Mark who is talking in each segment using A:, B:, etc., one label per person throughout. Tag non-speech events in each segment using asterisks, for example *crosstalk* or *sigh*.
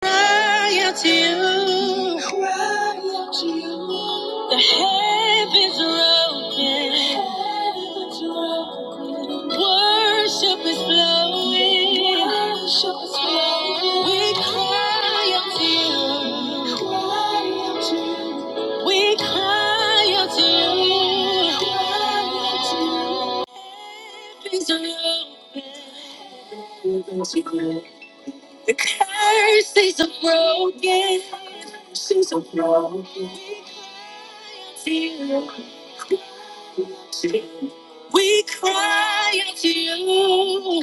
A: cry out to you. I Cry out to you. The heavens are open. Heavens are open. Worship is flowing. Worship is flowing. We cry out to you. Cry out to you. We cry out to you. Cry out to you. Heavens are open. The curses are broken. Curses are broken. We cry out to you,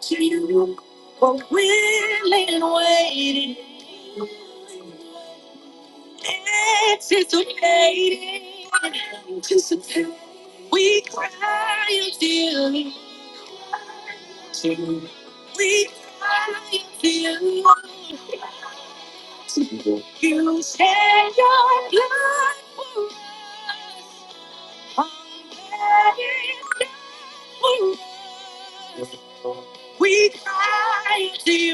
A: to you, for willing and waiting, anticipating, anticipating. We cry out to you, we cry out to you. You shed your blood for us. We cry to you. We cry, we cry to you.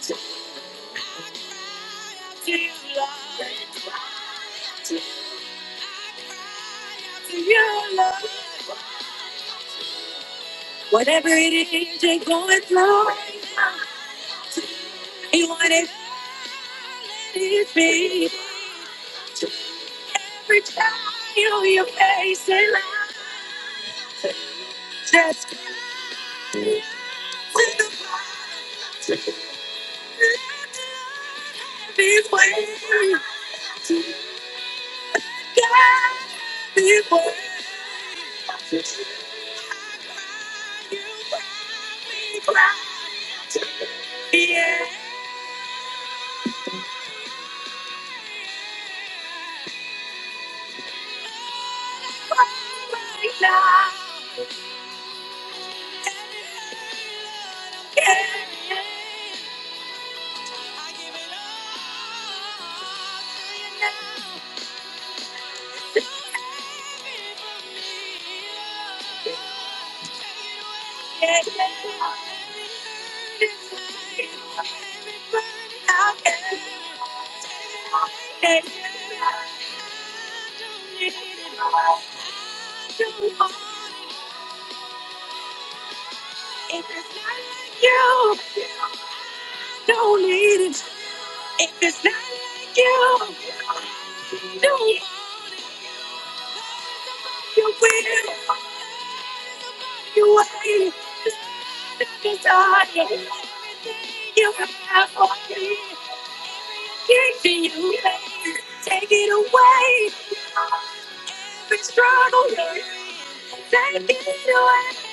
A: To you, to you, Lord. Whatever it is you're going through, and whatever it is, be every trial you face in life. just To the best we've got, before we cry. Yeah. If it's not you, don't need it. If it's not you, don't want your pain, don't want your weight. I'm tired of everything you have for me. Give it away, take it away. We struggle, take it away.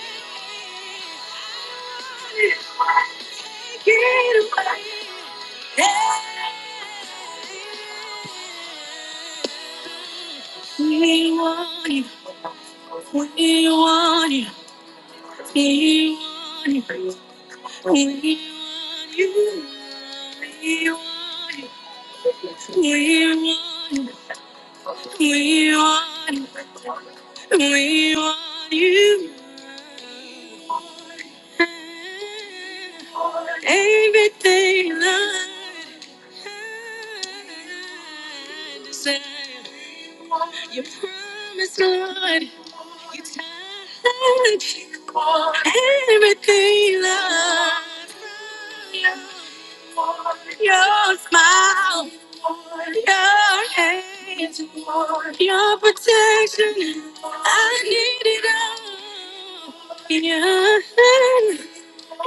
A: Give it away. We want you. We want you. We want you. We want you. We want you. We want you. We want you. We want you. Everything I desire, you promised, Lord. Everything that your smile. Your hands, your protection. I need it all. Your hand,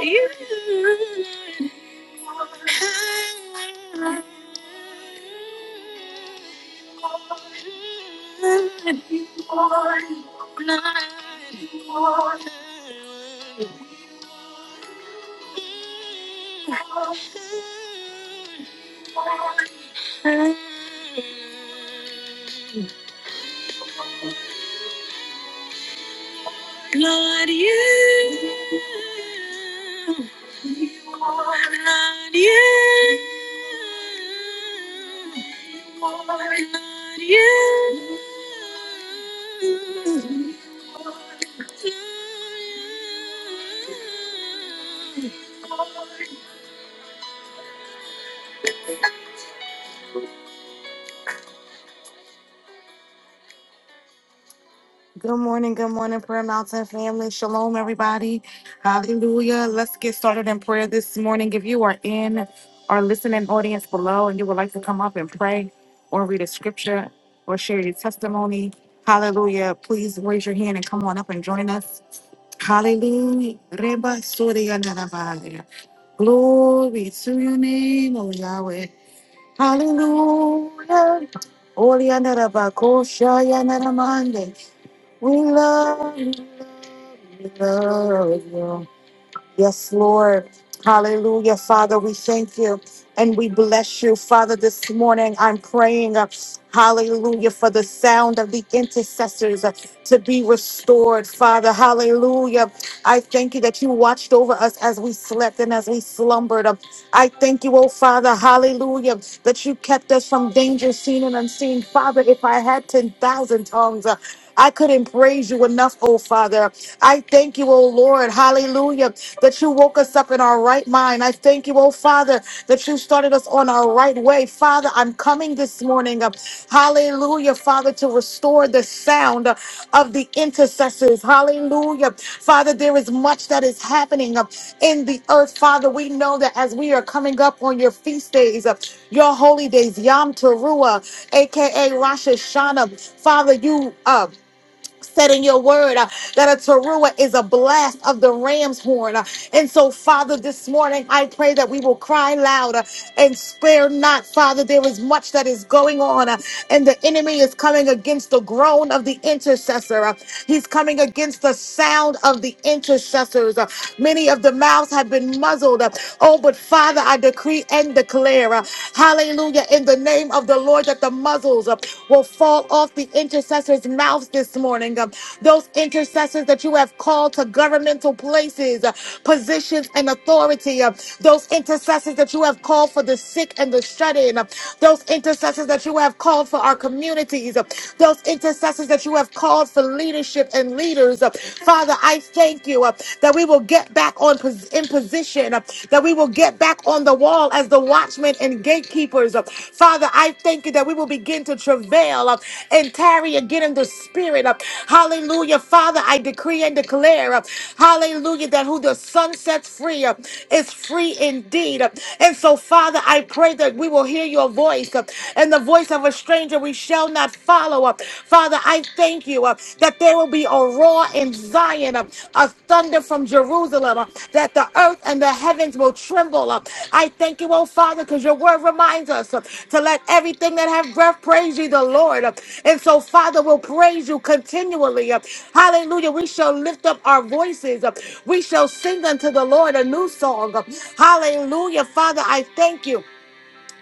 A: you, Lord, Lord, you, Lord, you. Lord, you. Good morning, good morning, Prayer Mountain family. Shalom, everybody. Hallelujah. Let's get started in prayer this morning. If you are in our listening audience below and you would like to come up and pray or read a scripture or share your testimony, hallelujah, please raise your hand and come on up and join us. Hallelujah. Reba Surya Narabaya. Glory to your name, O Yahweh. Hallelujah. Orianarabakosha Yanaramande. We love you, we love you. Yes, Lord. Hallelujah. Father, we thank you and we bless you. Father, this morning I'm praying, uh, hallelujah, for the sound of the intercessors uh, to be restored. Father, hallelujah. I thank you that you watched over us as we slept and as we slumbered. Uh, I thank you, oh Father, hallelujah, that you kept us from danger seen and unseen. Father, if I had 10,000 tongues, uh, I couldn't praise you enough, oh Father. I thank you, oh Lord, hallelujah, that you woke us up in our right mind. I thank you, oh Father, that you started us on our right way. Father, I'm coming this morning, uh, hallelujah, Father, to restore the sound uh, of the intercessors, hallelujah. Father, there is much that is happening uh, in the earth, Father. We know that as we are coming up on your feast days, uh, your holy days, Yom Teruah, aka Rosh Hashanah, Father, you. uh, said in your word uh, that a teruah is a blast of the ram's horn. uh, and so, Father, this morning I pray that we will cry loud uh, and spare not, Father. There is much that is going on, uh, and the enemy is coming against the groan of the intercessor. uh, he's coming against the sound of the intercessors. uh, many of the mouths have been muzzled. uh, oh, but Father, I decree and declare, uh, hallelujah. Hallelujah. In the name of the Lord, that the muzzles uh, will fall off the intercessors' mouths this morning. Um, Those intercessors that you have called to governmental places, uh, positions, and authority. uh, Those intercessors that you have called for the sick and the shut in. Those intercessors that you have called for our communities. uh, Those intercessors that you have called for leadership and leaders. uh, Father, I thank you uh, that we will get back back on pos- in position, uh, that we will get back on the wall as the watchmen and gatekeepers. uh. Father, I thank you that we will begin to travail uh, and tarry again in the spirit. uh. Hallelujah. Father, I decree and declare, uh, hallelujah, that who the sun sets free uh, is free indeed. uh. And so, Father, I pray that we will hear your voice uh, and the voice of a stranger we shall not follow up. Father, Father, I thank you uh, that there will be a roar in Zion, uh, a thunder from Jerusalem, uh, that the earth and the heavens will tremble. uh. I thank you, oh Father, because your word reminds us uh, to let everything that have breath praise you, the Lord. uh. And so, Father, we'll praise you continually. uh. Hallelujah. We shall lift up our voices. uh. We shall sing unto the Lord a new song. uh. Hallelujah. Father, I thank you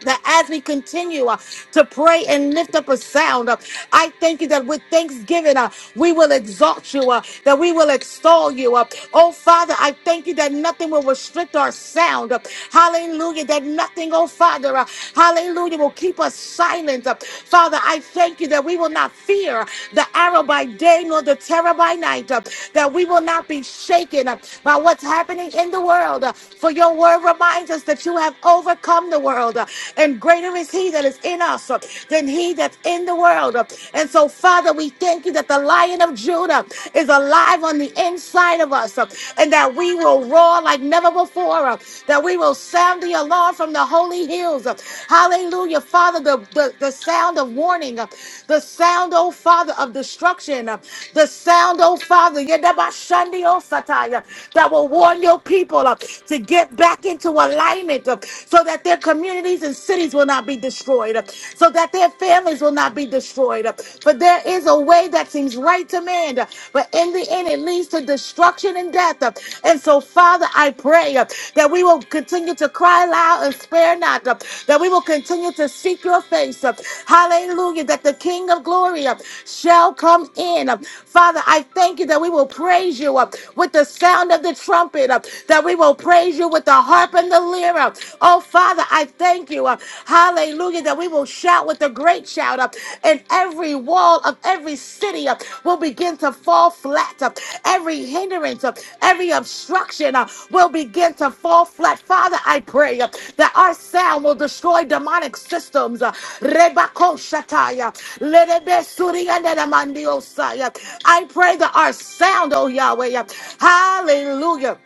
A: that as we continue uh, to pray and lift up a sound, uh, I thank you that with thanksgiving, uh, we will exalt you, uh, that we will extol you. Uh, oh, Father, I thank you that nothing will restrict our sound. Uh, hallelujah. That nothing, oh, Father, uh, hallelujah, will keep us silent. Uh, Father, I thank you that we will not fear the arrow by day nor the terror by night, uh, that we will not be shaken uh, by what's happening in the world. Uh, for your word reminds us that you have overcome overcome the world, uh, and greater is He that is in us uh, than He that's in the world. uh. And so, Father, we thank you that the Lion of Judah is alive on the inside of us, uh, and that we will roar like never before, uh, that we will sound the alarm from the holy hills. uh. Hallelujah, Father, the, the, the sound of warning, uh, the sound, oh Father, of destruction, uh, the sound, oh Father, yedabashandi, oh Sataya, that will warn your people uh, to get back into alignment alignment uh, so that their communities and cities will not be destroyed, uh, so that their families will not be destroyed. uh, For there is a way that seems right to man, uh, but in the end it leads to destruction and death. uh, And so, Father, I pray uh, that we will continue to cry loud and spare not, uh, that we will continue to seek your face. uh, Hallelujah, that the King of glory uh, shall come in. uh, Father, I thank you that we will praise you uh, with the sound of the trumpet, uh, that we will praise praise you with the harp and the lyre. Oh, Father, I thank you. uh, Hallelujah, that we will shout with a great shout up, and every wall of every city uh, will begin to fall flat. uh, Every hindrance, uh, every obstruction uh, will begin to fall flat. Father, I pray uh, that our sound will destroy demonic systems. uh, Rebako Shataya, Lerebe Suriyaneramandiosaya. I pray that our sound, oh Yahweh, uh, hallelujah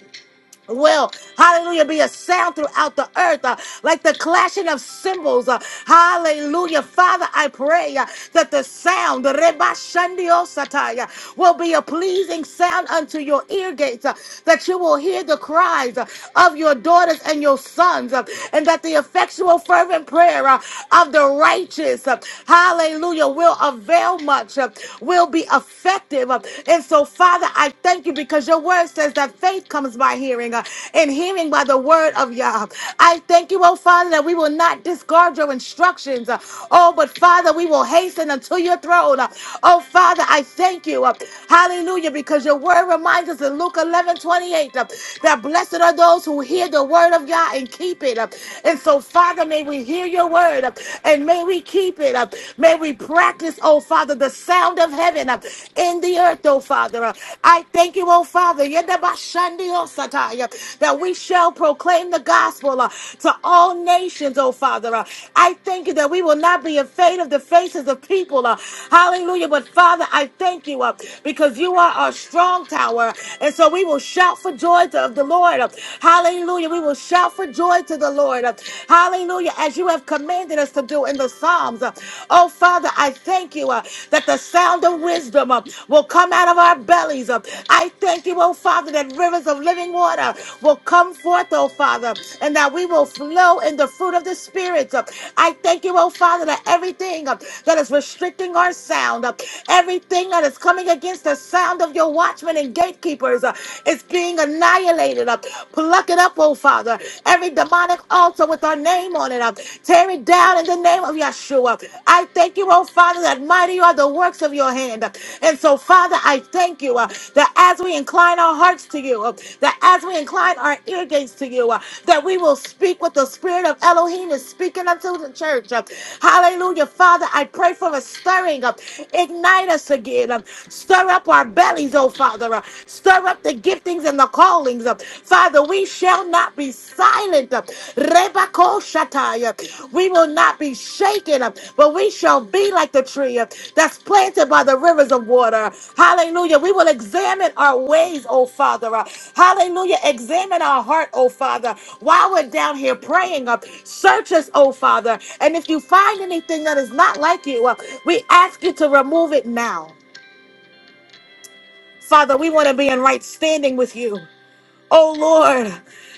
A: will, hallelujah, be a sound throughout the earth, uh, like the clashing of cymbals, uh, hallelujah. Father, I pray uh, that the sound, Reba Shandio Sataya, will be a pleasing sound unto your ear gates, uh, that you will hear the cries uh, of your daughters and your sons, uh, and that the effectual, fervent prayer uh, of the righteous, uh, hallelujah, will avail much, uh, will be effective. uh, And so, Father, I thank you because your word says that faith comes by hearing uh, and hearing by the word of Yah. I thank you, oh Father, that we will not discard your instructions. uh, oh, but Father, we will hasten unto your throne. uh, oh, Father, I thank you. uh, hallelujah, because your word reminds us in Luke 11 28 uh, that blessed are those who hear the word of Yah and keep it. uh, and so, Father, may we hear your word uh, and may we keep it. uh, may we practice, oh oh Father, the sound of heaven uh, in the earth, oh Father. Uh, I thank you, oh Father, Yedabashandiosataya, that we shall proclaim the gospel uh, to all nations, oh Father. Uh, I thank you that we will not be afraid of the faces of people. uh, Hallelujah. But Father, I thank you uh, because you are our strong tower. And so we will shout for joy to, of the Lord. uh, Hallelujah. We will shout for joy to the Lord. uh, Hallelujah. As you have commanded commanded us to do in the Psalms. Uh, Oh, Father, I thank you uh, that the sound of wisdom uh, will come out of our bellies. Uh, I thank you, oh, Father, that rivers of living water will come forth, oh, Father, and that we will flow in the fruit of the Spirit. Uh, I thank you, oh, Father, that everything uh, that is restricting our sound, uh, everything that is coming against the sound of your watchmen and gatekeepers uh, is being annihilated. Uh, Pluck it up, oh, Father. Father. Every demonic altar with our name on it, uh, tear it down in the name of Yeshua. I thank you, oh Father, that mighty are the works of your hand. And so, Father, I thank you uh, that as we incline our hearts to you, uh, that as we incline our ear gates to you, uh, that we will speak what the Spirit of Elohim is speaking unto the church. uh, Hallelujah. Father, I pray for a stirring up. Ignite us again. uh, Stir up our bellies, oh Father. uh, Stir up the giftings and the callings. Father, we shall not be silent. Rebako Shataya, We will not be shaken, but we shall be like the tree that's planted by the rivers of water. Hallelujah. We will examine our ways, oh Father. Hallelujah. Examine our heart, oh Father. While we're down here praying, search us, oh Father. And if you find anything that is not like you, we ask you to remove it now. Father, we want to be in right standing with you. Oh Lord,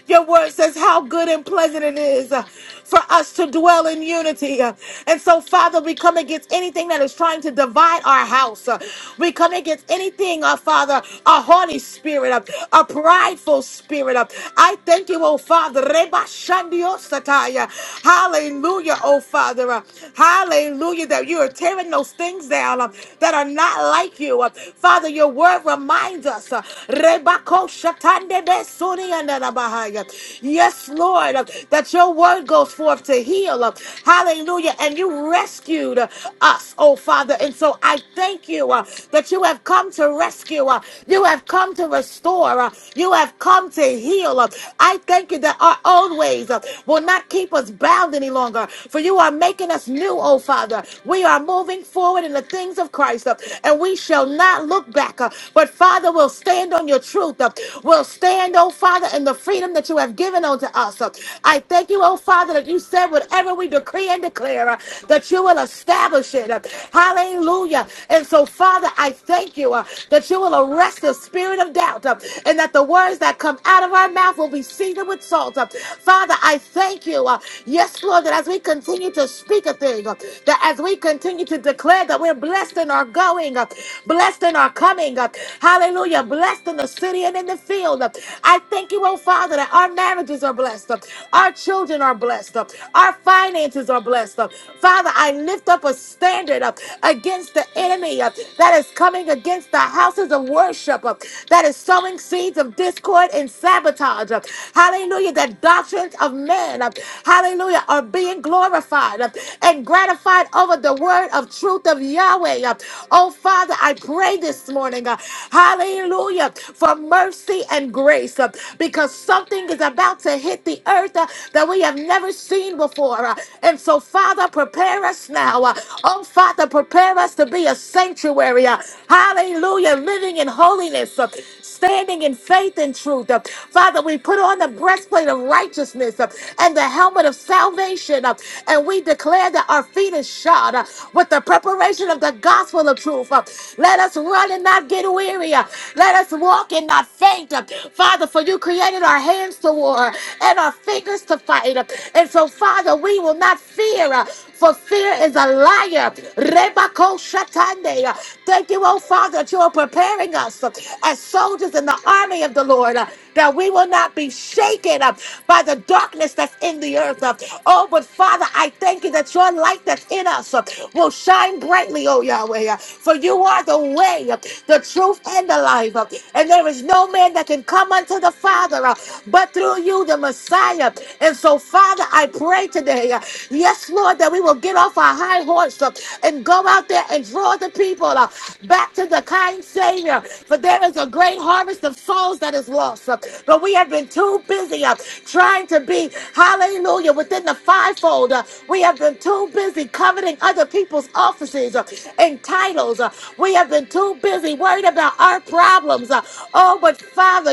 A: your word says how good and pleasant it is uh, for us to dwell in unity. Uh, And so, Father, we come against anything that is trying to divide our house. Uh, We come against anything, uh, Father, a haughty spirit, uh, a prideful spirit. uh, I thank you, oh Father. Reba shandio sataya. Hallelujah, oh Father. uh, Hallelujah, that you are tearing those things down uh, that are not like you. Uh, Father, your word reminds us. uh, Rebako shatande besuri andarabahaya. Yes, Lord, uh, that your word goes forth to heal. uh, Hallelujah. And you rescued uh, us, oh Father. And so I thank you uh, that you have come to rescue. uh, You have come to restore. uh, You have come to heal. uh. I thank you that our old ways uh, will not keep us bound any longer. For you are making us new, oh Father. We are moving forward in the things of Christ, uh, and we shall not look back. uh, but Father, we'll stand on your truth. uh, We'll stand, oh Father, in the freedom that you have given unto us. uh. I thank you, oh Father, that you said whatever we decree and declare, uh, that you will establish it. uh. Hallelujah. And so, Father, I thank you uh, that you will arrest the spirit of doubt uh, and that the words that come out of our mouth will be seasoned with salt. uh. Father, I thank you. uh, Yes, Lord, that as we continue to speak a thing, uh, that as we continue to declare that we're blessed in our going, uh, Blessed in our coming. uh, Hallelujah. Blessed in the city and in the field. Uh, I thank you, oh Father, that our marriages are blessed. uh, Our children are blessed. uh, Our finances are blessed. uh. Father, I lift up a standard uh, against the enemy uh, that is coming against the houses of worship, uh, that is sowing seeds of discord and sabotage. uh, Hallelujah. The doctrines of men, uh, hallelujah, are being glorified uh, and gratified over the word of truth of Yah. Yahweh. Uh, Oh, Father, I pray this morning, uh, hallelujah, for mercy and grace uh, because something is about to hit the earth uh, that we have never seen before. uh, And so, Father, prepare us now. uh, Oh, Father, prepare us to be a sanctuary. uh, Hallelujah, living in holiness, uh, standing in faith and truth. uh, Father, we put on the breastplate of righteousness uh, and the helmet of salvation, uh, and we declare that our feet is shod. God, uh, with the preparation of the gospel of truth. uh, Let us run and not get weary. uh, Let us walk and not faint. uh, Father, for you created our hands to war and our fingers to fight. uh, And so, Father, we will not fear, uh, for fear is a liar. Rebako Shatande. uh, Thank you, oh Father, that you are preparing us uh, as soldiers in the army of the Lord, uh, that we will not be shaken up by the darkness that's in the earth. uh. Oh, but Father, I thank you that your light that's in us uh, will shine brightly, oh Yahweh. uh, For you are the way, uh, the truth, and the life. uh, And there is no man that can come unto the Father uh, but through you, the Messiah. And so, Father, I pray today, uh, yes, Lord, that we will get off our high horse uh, and go out there and draw the people uh, back to the kind Savior. For there is a great harvest of souls that is lost. uh, But we have been too busy uh, trying to be, hallelujah, within the the fivefold. Uh, We have been too busy coveting other people's offices uh, and titles. Uh, We have been too busy worried about our problems. Uh, Oh, but Father,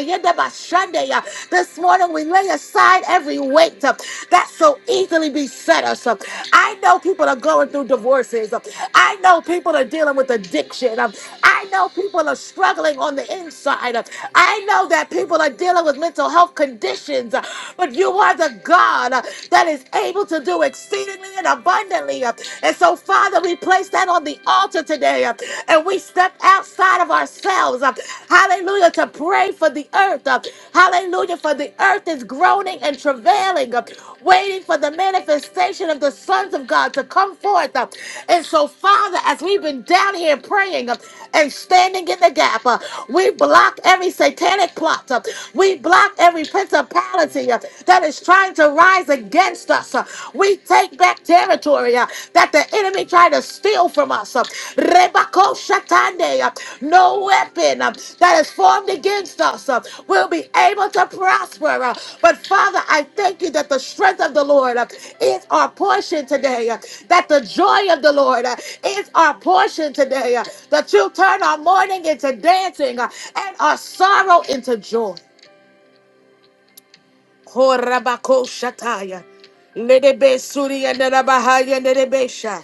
A: Sunday, uh, this morning we lay aside every weight uh, that so easily beset us. Uh, I know people are going through divorces. Uh, I know people are dealing with addiction. Um, I know people are struggling on the inside. Um, I know that people are dealing with mental health conditions. Uh, But you are the God uh, that is able to do exceedingly and abundantly. uh, And so, Father, we place that on the altar today uh, and we step outside of ourselves. uh, Hallelujah. To pray for the earth. uh, Hallelujah. For the earth is groaning and travailing, uh, waiting for the manifestation of the sons of God to come forth. uh, And so, Father, as we've been down here praying uh, and standing in the gap, uh, we block every satanic plot. uh, We block every principality principality uh, that is trying to rise against us. uh, We take back territory uh, that the enemy tried to steal from us. uh, Rebako Shatande, uh, No weapon uh, that is formed against us uh, will be able to prosper. uh, But Father, I thank you that the strength of the Lord uh, is our portion today, uh, that the joy of the Lord uh, is our portion today, uh, that you turn our mourning into dancing uh, and our sorrow into joy. Horabako shataya. Nedebe suria nerabahaya nerebesha.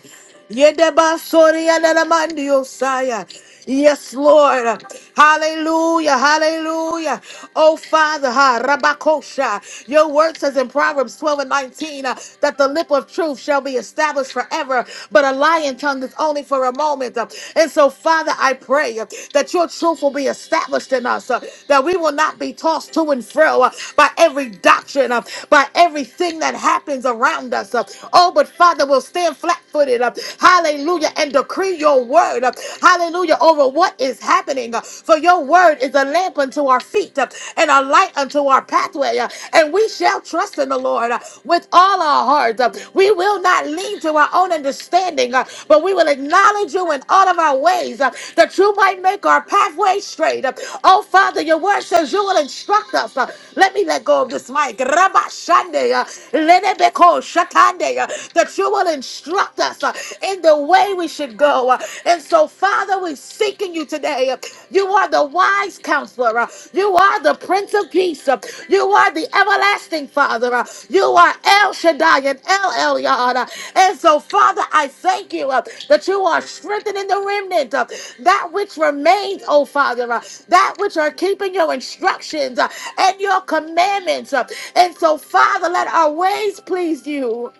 A: Yedeba soria neramandio saya. Yes, Lord. Hallelujah. Hallelujah. Oh, Father, ha, Rabakosha. Your word says in Proverbs 12 and 19 uh, that the lip of truth shall be established forever, but a lying tongue is only for a moment. Uh, and so, Father, I pray uh, that your truth will be established in us, uh, that we will not be tossed to and fro uh, by every doctrine, uh, by everything that happens around us. uh. Oh, but Father, we'll stand flat footed, uh, hallelujah, and decree your word, uh, hallelujah, over what is happening. uh, For your word is a lamp unto our feet uh, and a light unto our pathway, uh, and we shall trust in the Lord uh, with all our hearts. Uh, We will not lean to our own understanding, uh, but we will acknowledge you in all of our ways uh, that you might make our pathway straight. Uh, Oh, Father, your word says you will instruct us. Uh, Let me let go of this mic. Rabashande, uh, lenebeko shatande, uh, That you will instruct us uh, in the way we should go. Uh, And so, Father, we're seeking you today. You are the wise counselor. uh, You are the Prince of Peace. uh, You are the everlasting Father. uh, You are El Shaddai and El Elyon. uh, And so, Father, I thank you uh, that you are strengthening the remnant, uh, that which remains, oh Father, uh, that which are keeping your instructions uh, and your commandments. uh, And so, Father, let our ways please you.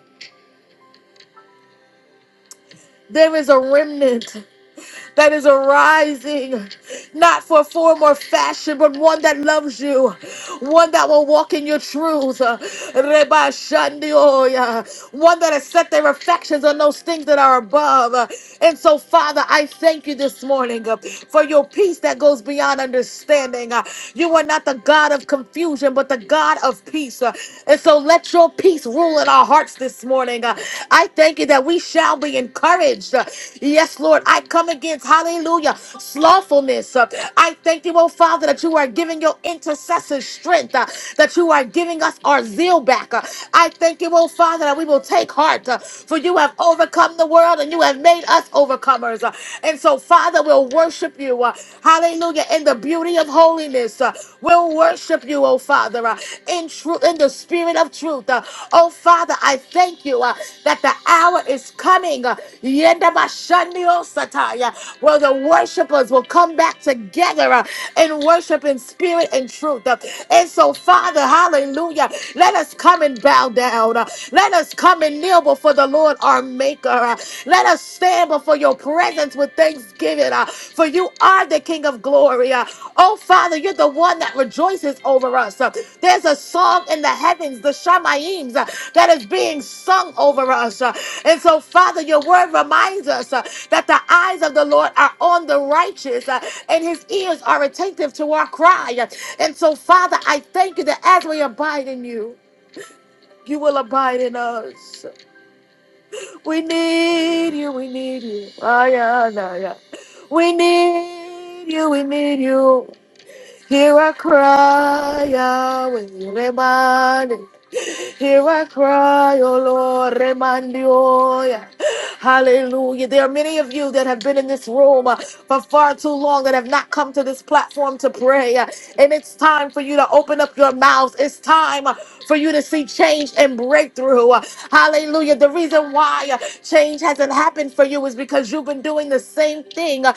A: There is a remnant. that is arising, not for form or fashion, but one that loves you, one that will walk in your truth. Uh, Reba Shandioya, One that has set their affections on those things that are above. Uh, And so, Father, I thank you this morning uh, for your peace that goes beyond understanding. Uh, You are not the God of confusion, but the God of peace. Uh, And so, let your peace rule in our our hearts this morning. Uh, I thank you that we shall be encouraged. Uh, Yes, Lord, I come against, hallelujah, slothfulness. Uh, I thank you, oh Father, that you are giving your intercessors strength, uh, that you are giving us our zeal back. Uh, I thank you, oh Father, that we will take heart, uh, for you have overcome the world and you have made us overcomers. Uh, And so, Father, we'll worship you, uh, hallelujah, in the beauty of holiness holiness. uh, We'll worship you, oh Father, uh, in truth, in the spirit of truth. uh, Oh Father, I thank you uh, that the hour is coming. uh, Yenda Bashandio Sataya, Where the worshipers will come back together uh, and worship in spirit and truth. uh, And so, Father, hallelujah. Let us come and bow down. uh, Let us come and kneel before the Lord our Maker. uh, Let us stand stand before your presence with thanksgiving, uh, for you are the King of glory. uh. oh, Father, you're the one that rejoices over us. uh. there's a song in the heavens, the Shemaims, uh, that is being sung over us. uh. and so, Father, your word reminds us uh, that the eyes of the Lord are on the righteous uh, and his ears are attentive to our cry. uh. And so, Father, I thank you that as we abide in you, you will abide in us. We need you, we need you. Ah, yeah, nah, yeah. We need you, we need you. Hear I cry, Yahweh, Remani. Hear I cry, O Lord, Remanioya. Hallelujah. There are many of you that have been in this room uh, for far too long that have not come to this platform to pray. uh, And it's time for you to open up your mouths. It's time uh, for you to see change and breakthrough. Uh, Hallelujah. The reason why uh, change hasn't happened for you is because you've been doing the same thing uh,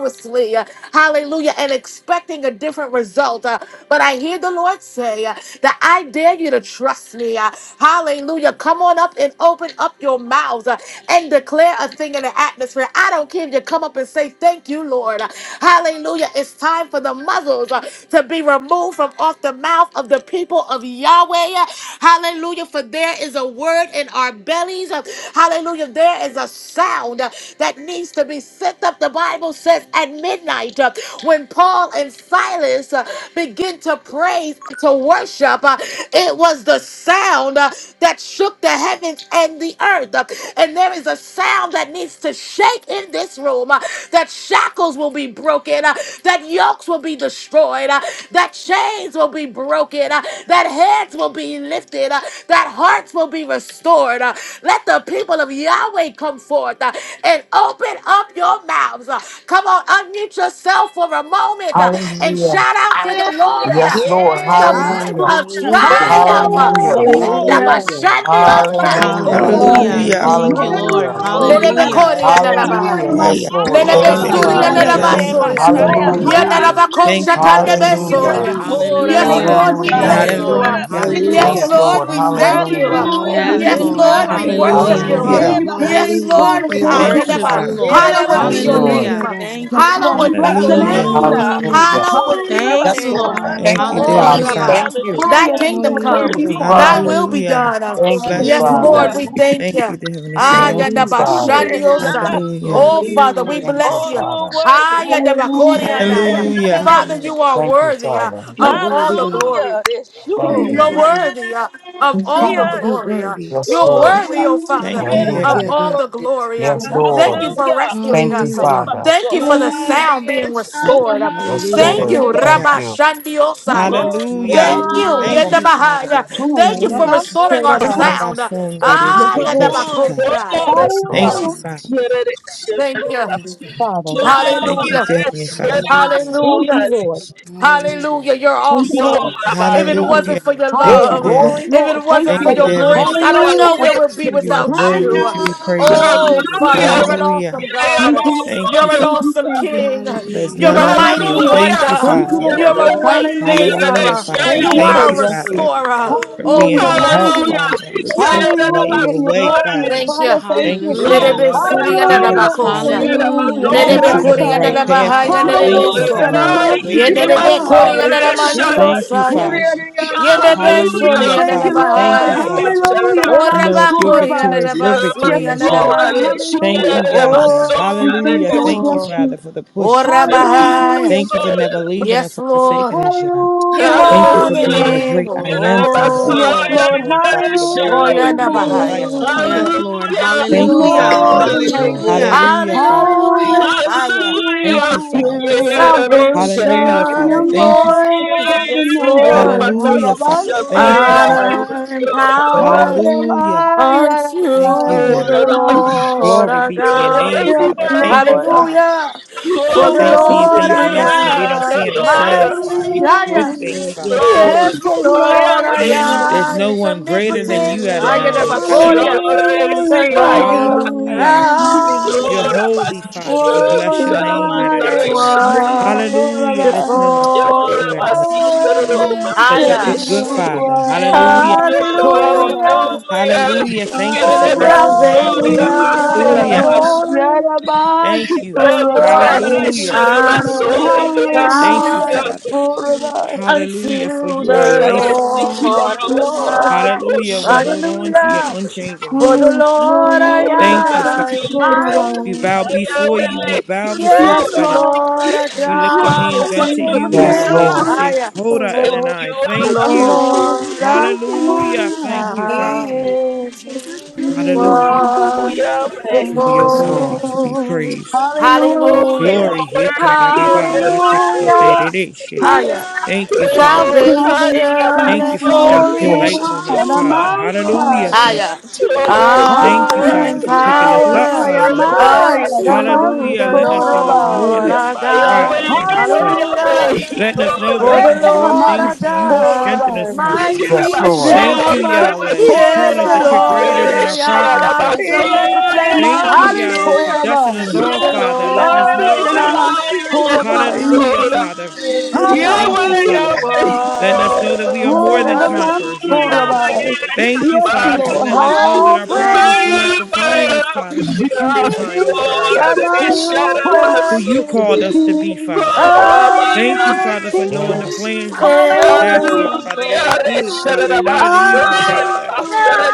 A: continuously, uh, hallelujah, and expecting a different result. uh, but I hear the Lord say uh, that I dare you to trust me. uh, hallelujah. Come on up and open up your mouths uh, and declare a thing in the atmosphere. I don't care if you come up and say, Thank you, Lord. Uh, hallelujah. It's time for the muzzles uh, to be removed from off the mouth of the people of Yahweh. uh, Hallelujah. For there there is a word in our bellies. Hallelujah. There is a sound uh, that needs to be sent up. The Bible says at midnight, uh, when Paul and Silas uh, began to praise and to worship, uh, it was the sound uh, that shook the heavens and the earth. Uh, And there is a sound that needs to shake in this room uh, that shackles will be broken, uh, that yokes will be destroyed, uh, that chains will be broken, uh, that heads will be lifted, uh, that hearts will be restored. uh. Let the people of Yahweh come forth uh, and open up your mouths. uh. Come on, unmute yourself for a moment uh, and
B: Hallelujah.
A: shout out to
C: Hallelujah!
A: the Lord uh,
B: Yes,
D: Yes!
B: Lord.
A: with the
D: Hallelujah!
A: voice
B: Hallelujah.
A: of
E: Hallelujah.
A: triumph. uh.
B: Hallelujah.
C: Hallelujah!
A: Yenda
F: Hallelujah.
E: Hallelujah.
A: bashandi osaya.
B: Hallelujah.
C: Rabbi.
G: Hallelujah.
E: Hallelujah.
H: Hallelujah.
G: Thank
F: Hallelujah.
G: you, Lord.
B: Hallelujah.
F: Thank you,
A: Nerebe
C: Hallelujah!
E: Hallelujah.
G: Hallelujah.
F: Father.
A: Korea
C: Here I
A: Narabaha.
B: Hallelujah.
C: am,
D: Hallelujah!
B: Yes,
H: Raya.
D: Come
B: Lord.
I: Lord.
A: Nerebe
B: Thank
H: Terebe.
B: you,
C: Rabbi.
D: on!
A: Suria
B: Father.
E: Hallelujah.
H: Andalala
G: Hallelujah.
E: Thank you,
A: Narabasoria.
H: manso.
E: God.
C: Lord,
F: Hallelujah,
B: Hallelujah.
F: Father.
E: Hallelujah.
A: Yanarabako
H: Thank
C: hallelujah!
H: you,
D: Hey!
H: Heavenly Father.
B: Hallelujah.
A: Shatandebesoria.
E: Hallelujah.
D: Ooh,
A: Yes,
D: yes!
G: Hallelujah.
A: Lord, we
G: Thank
E: Thank
B: Hallelujah.
G: you,
A: bless
E: you,
A: you.
G: Lord.
A: uh.
E: God.
H: Hallelujah.
C: We
A: Yes,
H: Thank
E: Hallelujah.
B: Yes,
G: Hallelujah.
H: you,
C: glorify
A: Lord,
B: Lord.
H: Father.
A: we
C: you.
A: thank
C: Thank
A: you.
C: you,
D: Hallelujah!
A: uh.
B: Hallelujah.
C: Lord. We
G: Yes,
C: give
A: Yes,
C: you
E: Hallelujah.
G: Lord.
A: Lord, we
C: glory.
A: worship
G: Hallelujah.
A: you.
C: We
I: Yeah.
A: uh.
C: give
B: Hallelujah.
H: Hallelujah.
C: you
D: Hallelujah!
A: Yes,
C: praise,
E: Hallelujah,
A: Lord,
C: Father.
A: we
G: We
E: God.
C: Thank
A: ah,
H: Thank you,
C: you.
G: worship
A: Yanaba.
G: you,
H: Father.
G: Lord.
A: Hallowed
D: My,
A: be
B: Yes,
C: Hallelujah.
A: your
B: Lord.
A: name.
E: Hallelujah,
G: Hallelujah.
A: uh.
E: God.
G: Thank you,
C: Yes,
D: yes!
C: Lord.
G: Father.
C: We
A: Hallowed be
C: bless
A: your
C: your
A: name.
H: Hallelujah.
C: name.
A: uh.
D: Come
E: Hallelujah, God.
B: Hallelujah.
A: Hallowed
D: on!
A: be your
G: Thank
B: Yes,
G: you,
A: name.
B: Lord.
A: uh.
G: Lord.
B: Thank
H: Thank you,
B: you,
C: Hallelujah.
A: Oh,
H: Heavenly
B: Father.
E: Hallelujah.
H: Father.
G: Hallelujah.
A: Rabbi,
B: Thank you.
C: Ah,
D: Hallelujah!
A: thy
C: yes,
A: kingdom
C: Lord. Thank
A: come,
B: Thank
E: Hallelujah. Hallelujah.
C: you,
B: you,
C: Father.
A: thy
B: Father.
A: will be
H: Hallelujah.
A: done. uh.
B: Thank you,
C: Yes,
H: Bless
A: Yes,
H: you.
A: Lord,
B: Father.
E: Hallelujah.
A: we
C: Lord.
A: thank
H: Thank
A: you.
H: you, Heavenly
B: Thank
H: Father.
B: you, Father.
C: Hallelujah.
A: Ayandabashandiosa.
H: Hallelujah.
A: Oh,
C: Thank
D: Hallelujah!
C: you,
A: Father, we
E: Hallelujah.
C: Savior.
B: Thank you,
A: bless
D: Hallelujah!
A: you.
B: Father.
C: Hallelujah.
A: Ayandabakoriandaya.
C: Glory.
E: Thank you,
H: Hallelujah.
D: Hallelujah!
A: Father,
E: God.
A: you are
B: Thank
D: Hallelujah!
B: you,
A: worthy uh,
B: Father.
E: You're
D: Yes! Hallelujah! Yes,
A: of all
E: worthy,
A: the
E: God.
A: glory.
B: Thank
D: you are!
E: Thank
A: You're
B: you.
E: you,
C: Hallelujah.
E: God.
A: worthy uh,
D: Yes!
A: of
C: Yes,
A: all the
C: Father.
E: You're
A: glory. uh.
E: worthy.
B: Yes,
A: You're
B: Lord.
D: Hallelujah.
A: worthy, oh Father,
H: Thank
C: Hallelujah.
H: you,
E: Thank
B: Hallelujah.
A: of
H: Heavenly
E: you,
A: all
E: God.
A: the
J: Yes,
A: glory. uh.
B: Yes,
D: My,
C: Yes,
A: Thank
B: Lord.
A: you
C: Father.
D: my,
A: for
D: hallelujah.
A: rescuing
B: Thank you,
A: us. uh.
E: Hallelujah.
B: Father.
A: Thank you for the
D: My,
C: Hallelujah.
A: sound being
D: yes, Abba,
A: restored. uh.
B: Yes,
C: Yes,
H: Father.
A: Thank
E: Hallelujah.
B: Lord.
A: you,
D: hallelujah.
C: Lord.
B: Thank
A: Rabba
B: you.
A: Shandiosaya.
C: Hallelujah.
H: Hallelujah.
C: Thank
A: Thank
C: you,
A: you,
E: Hallelujah.
C: Savior.
H: Thank you,
D: Hallelujah.
A: Yendabahaya.
H: Father.
A: Thank
C: Hallelujah.
A: you for
C: Rabbi,
E: Yes.
A: restoring
C: so
A: our
C: Rabbi.
A: sound. uh.
E: Yes,
C: Yes,
A: Ah,
D: Come
E: God.
C: Lord.
D: on.
H: Arabasonderebekoshata.
A: Yendabakosaya.
B: Yes,
H: Thank
E: Yes,
B: Lord.
H: you,
C: Hallelujah,
E: God.
H: Father.
A: Thank you.
E: Yes, God.
C: Father.
H: Thank you,
D: Hallelujah.
A: Hallelujah.
H: dear Heavenly Father.
E: Hallelujah.
C: Thank
A: Hallelujah.
C: you, Lord.
E: Hallelujah.
A: Hallelujah. You're
C: Thank you, Lord.
A: awesome. If it wasn't
H: Hallelujah.
A: for
E: Hallelujah.
A: your
H: Thank
B: Hey,
H: you,
C: Hallelujah.
A: love,
C: Yes,
H: Dad.
B: glory.
A: if it
C: Lord. Thank
A: wasn't
H: Thank
A: for
C: you.
H: you,
A: your
H: dear Heavenly
E: Hallelujah.
A: grace,
H: Father.
A: I don't know
C: Hallelujah.
A: where we'd be
H: You are
A: without
D: I
H: worthy
A: you.
H: to
D: know.
H: be
C: Hallelujah.
H: praised.
C: Thank
A: Oh,
E: Hallelujah.
C: you,
A: Father, you're
C: Father.
A: an
H: Hallelujah.
A: awesome
C: Thank
A: God.
D: Yes,
C: you, Lord.
D: yes.
H: Thank you,
A: You're an
H: Father.
C: Thank you,
A: awesome
C: Savior.
A: King.
H: There's
E: Hallelujah.
A: You're
H: none
A: a
H: like
D: Hallelujah.
A: mighty
H: you.
C: Hallelujah.
H: Thank you,
A: wonder.
K: Hallelujah.
C: Thank you,
H: Father.
C: Lord.
A: You're a
F: Hallelujah.
D: Oh,
A: way
D: yes.
C: Hallelujah.
H: Hallelujah,
A: maker.
H: Father.
C: Thank
A: You
C: you,
H: Thank
A: are
E: Yes.
H: you,
A: a
C: Savior.
F: Thank
H: Father,
F: you, Father.
A: restorer.
H: for
A: Oh,
C: Hallelujah.
H: being
A: we
C: You're
H: our help,
A: bless
C: worthy.
A: you.
H: Father, the truth, the light, and
C: Hallelujah.
H: the
C: You're
H: way,
C: glorious.
H: Father.
A: Thank you.
C: Father,
D: Hallelujah.
C: thank
H: Thank you
C: you.
H: for your
F: Glory,
G: Hallelujah.
A: Lerebe
H: love
F: glory,
H: that you're
A: suri and
H: giving
F: glory.
C: Hallelujah,
H: us,
D: Hallelujah.
A: alabakosha.
H: Father,
C: hallelujah,
F: I'm
G: Hallelujah.
H: that
F: not
G: We
F: the
H: keeps
A: Lerebe
H: us on
A: kuri
G: worship
H: the
K: Hallelujah!
F: time,
A: and
G: you,
H: right
C: namansai.
F: Father. Thank
H: path,
A: alabahai and
G: God.
H: Father.
F: you,
H: Thank
A: lerebe
H: you,
K: Lord,
D: Hallelujah.
B: Yes,
A: so.
C: Hallelujah,
K: and
H: Father, for
B: Lord.
K: I
H: the
D: Hallelujah.
G: We
K: give
H: wakening
K: my
F: thank
H: up,
A: Yenderebe
G: worship
H: Father.
K: soul
F: you,
A: kuri
C: namansikirabai.
G: you.
A: and
K: a
F: thank you,
H: Thank you,
D: Yes.
A: alamandiosaya.
G: We sh-
H: Father.
F: thank
C: Rabansuriyaniyansai.
F: you.
A: Yenderebe
K: Hallelujah.
A: suri
H: Hallelujah,
A: and
C: Thank you,
H: Father.
K: I
H: Thank
C: Lord.
H: you,
K: got
D: Mama,
A: alabahai.
K: a bitch
D: Abba.
H: Father.
K: chatter
C: Hallelujah,
K: up.
H: And know if
A: Oraba
H: you're
A: kuri and
C: rabansurabai.
H: victorious, we're
K: My
C: Yes,
A: alabasuri and
H: victorious,
K: soul,
H: Yah.
C: Lord.
K: I
A: alamande.
K: let she get
H: Thank you,
K: it
C: Hallelujah.
K: out of my
H: Yahweh.
K: soul.
C: We
K: yeah,
C: thank
H: Hallelujah.
K: that
C: you. We
K: shit.
H: Thank you,
A: Oh,
C: bless
H: Father,
C: you.
H: for the push, Father.
K: And my
A: orabahai.
C: Hallelujah.
H: Thank you for
D: Hallelujah.
K: soul,
H: never leaving
A: Yes,
H: us or forsaking
A: Lord.
H: us, Yah.
A: You're
C: Hallelujah,
H: Thank you
A: more
H: for
A: than
K: hallelujah.
H: being the
C: hallelujah.
H: great I
A: able.
K: Get it out
H: am,
K: of my
H: Father, all
C: Yes,
K: soul.
A: Oh,
H: sufficient
C: Lord,
K: yeah,
H: one, Father, the very
A: oh,
H: one that
C: hallelujah,
H: we can
D: Hallelujah.
H: rely
A: yanabahai.
H: on,
C: hallelujah.
H: Father.
G: yes, Lord.
C: We
K: Hallelujah.
C: are
H: Thank you,
G: Hallelujah.
H: Father.
C: more
A: Hallelujah.
C: than
B: Yes, Lord.
C: able.
G: Hallelujah.
H: Hallelujah, Father.
A: Hallelujah.
C: Hallelujah,
A: Higher.
H: Thank
K: Hallelujah.
H: you, Father.
K: Yeah, don't
C: hallelujah.
A: Salvation
H: Hallelujah,
C: We are
H: Father.
A: and
H: Thank you. Fa-
A: glory.
C: more than
A: Yes,
K: Yeah, man,
C: able.
A: Lord.
H: Hallelujah,
K: don't
H: Father.
K: say
C: Hayabas for
H: Thank you, Father.
C: Rabbi.
A: Honor and power
H: Hallelujah.
C: Hayabas
A: unto
H: Thank you,
K: Oh,
H: Yah.
K: no,
A: the
K: no.
A: Lord
H: Glory
A: our
H: be
K: You
H: to your
K: are
A: God.
H: name,
C: Yes,
K: worthy,
H: Father. Thank
K: worthy.
H: you,
C: Lord,
K: yeah.
H: Father,
A: Hallelujah.
K: You
C: we
H: for
C: are
A: For
K: are
A: the
H: th-
K: one
H: seeing
C: more
K: who
A: Lord
H: things
C: than
H: in
K: am
H: us that
C: able.
H: we don't
A: I
K: I
A: am
H: see
A: is
H: in ourselves, Father.
A: mighty
H: The good
A: higher.
H: things,
C: Hallelujah.
D: Yes.
H: Father. Thank-
A: Yes, the
K: Oh, my
A: Lord I
K: way.
H: There's
C: Yeah.
A: am
H: no
A: is
H: one greater than
A: omnipotent.
H: you,
A: I am the
K: Oh,
H: Adonai.
D: Yes,
H: Hallelujah.
A: Bacoria.
K: sure,
C: Hallelujah,
A: The
K: see, I.
A: Lord
H: Hallelujah.
C: hallelujah.
A: I
H: You're
D: hallelujah.
K: Lord, I
H: holy,
A: am
K: must be the
H: Father. We
K: Lord,
C: Oh,
H: bless your name,
C: Rabbi,
A: is
H: Adonai.
C: oh,
H: Hallelujah. There's
C: Rabbi,
D: Yes,
H: no one like
K: Oh,
A: wonderful.
H: you,
C: I
H: Adonai. You're such a
C: worship
A: Hiya.
H: good, good
D: yes,
C: you,
H: Father.
K: wonderful,
C: I am
H: Hallelujah.
C: a so Rabbi.
A: Hallelujah.
H: Hallelujah. Thank you for
C: Oh,
D: Father.
H: rescuing us.
A: Salvation
C: glory to
D: Yes,
A: and
H: Hallelujah.
C: God, yeah,
A: glory.
C: Rabbi,
H: Thank you.
C: so
A: Yes, Lord.
C: Rabbi.
D: Father.
H: Hallelujah.
C: I
D: yes.
A: Honor and
C: am
H: Thank
C: a
H: you,
A: power
H: Father.
C: so Rabbi.
H: Hallelujah, for
A: unto
H: you are
A: the
H: life.
A: Lord.
C: Yes,
A: our
C: Lord.
A: God.
H: Hallelujah. We hold on to your
A: Hallelujah.
H: unchanging
A: For
C: Oh,
H: hand.
A: the
C: yes,
A: Lord our
C: Lord,
H: Thank you,
C: Rabbi,
H: Father.
A: God is
C: so Rabbi.
A: mighty.
H: We bow before you. We bow before
A: Yes,
C: Yes,
H: you,
A: the
H: Adonai.
C: Lord.
A: Lord our
H: We lift our
A: God
H: hands
A: is
H: unto
C: is
H: you,
B: Yes,
A: omnipotent.
H: Yahweh.
K: yeah.
H: We
B: Lord.
C: omnipotent,
H: say,
A: Aye.
H: Toda
K: Thank
B: Lord,
K: you,
H: Adonai.
D: I
H: Thank
K: Abba.
H: you.
D: trust you when
C: Lord.
A: Lord,
D: I'm
C: I
H: Hallelujah.
D: brokenhearted.
H: Thank you,
C: am
A: I
B: He
H: Father.
B: is.
D: I
A: is
D: trust you
C: is
D: when
H: Hallelujah.
D: I'm
K: Oh,
C: wonderful.
D: confused. I trust
K: Yahweh.
D: you
H: Oh, you're
B: Yes,
A: wonderful.
H: worthy
B: Lord.
H: to be praised.
K: Oh,
A: Hallelujah.
K: you
C: Hallelujah.
H: Glory.
K: are
D: the
K: worthy
H: Hikarabba, yata,
K: of
D: right way.
K: hallelujah.
A: Hallelujah.
K: Oh,
H: yaterereshe.
C: Higher
B: Yes,
A: Higher.
K: Yes.
H: Thank you,
D: Yes,
H: Father.
D: Father.
K: I
A: Salvation
C: salvation
K: got my
H: Thank you
A: and
H: for
K: soul.
H: shining
C: and
H: your
A: glory.
B: Lord.
H: light
C: God
H: on us,
C: on
D: Oh,
K: Shabbat.
H: Father.
C: Mount
D: Abba,
H: Hallelujah,
C: High.
D: Abba.
H: Father.
A: Higher.
D: I trust
K: Oh,
D: you,
H: Thank you,
K: wonderful.
A: Honor
H: Father,
A: and
D: Abba.
H: for
C: Honor,
H: picking
K: I
H: us up,
D: Yes,
A: power
C: glory,
D: Father.
H: Father.
K: killed it
C: Amaya,
K: about
C: the Mount
A: unto
H: Hallelujah.
A: the
H: Letting us know it's more
A: Lord
C: Rabbi.
H: that you
D: Hallelujah,
A: our
K: my
G: Yes,
H: required
K: Yahweh,
A: God.
G: Lord.
H: from
D: hallelujah.
H: us, Father.
K: my
G: Yes,
A: Hallelujah.
C: Hallelujah.
G: Lord.
K: Yahweh.
H: Letting
G: Yes,
H: us know
K: Oh,
H: that
G: Lord.
A: For
H: we
C: Hey,
A: the
H: can do
G: Yes,
K: Rabbas.
H: all
G: Lord.
D: Yes,
A: Lord our
H: things
C: Amans,
H: to
D: Abba.
H: you who
A: God
H: strengthen
A: is
H: us,
C: Rabbi.
H: Father.
D: oh
B: Yes,
A: mighty.
K: Rabbas, sure,
B: Lord.
C: There,
A: Yeah.
H: Thank you,
D: Yes,
C: Amans,
H: Yahweh,
K: Rabbas.
D: hallelujah.
H: for
A: Yes,
H: showing us
A: the
H: that you're
D: Yes,
H: greater
C: Rabbi.
A: Lord
H: than
A: our
H: our
D: Abba,
H: problems,
A: God is
K: Rabbas,
H: Yahweh.
K: oh,
A: omnipotent.
H: Thank you, Yahweh, for
A: Hallelujah.
D: yes,
H: dusting us
C: Yelamanskorabai.
K: Hallelujah,
D: hallelujah.
H: off,
A: The
H: Father, letting us
C: Ah,
H: know,
A: Lord
D: Oh, I
H: Father.
A: our
K: hallelujah,
D: trust you,
C: Yelamanskorabai.
K: Rabbas.
D: Lord.
H: Hallelujah,
K: oh,
B: He
A: God
H: Father.
D: Hallelujah.
H: Thank
K: Yahweh,
H: you,
A: is
C: Hallelujah.
H: Father.
K: Yahweh,
H: Letting us
K: God,
H: know that we are
D: Yes.
B: is.
C: Ah,
H: more than
A: wonderful.
H: conquerors,
K: hallelujah,
H: Yahweh.
C: Yelamanskorabai.
H: Thank you,
C: Yes,
K: Yahweh,
H: Father, for
D: I
C: Lord.
H: letting us
D: trust
H: know that
D: you
A: All
H: our
D: with my
C: Hallelujah.
H: problems do
K: Tumaya,
H: not
D: destiny.
H: define
K: Maya,
H: us,
A: praise.
H: Father. It's what you
K: Maya,
A: to
D: I
H: define
C: Be
H: over
D: trust
H: our
K: God,
H: lives,
A: the King of Kings and the
C: Anan's
A: Lord of
D: you,
H: who
D: Lord.
K: Resharamasu,
H: you
J: able
H: called
J: to
H: us to be,
C: King.
H: Father.
K: oh,
D: Oh,
H: Thank
K: Maya,
D: yes.
H: you,
C: Ah,
H: Father, for knowing the
C: King.
B: Yes.
A: Knights.
D: Abba.
H: plans
A: He is
H: that you have for us,
C: Hallelujah.
H: Father.
A: wonderful.
H: That
K: hallelujah,
H: are good, Father, and not of the
K: Resharamasu,
H: evil,
D: Hallelujah,
H: Father.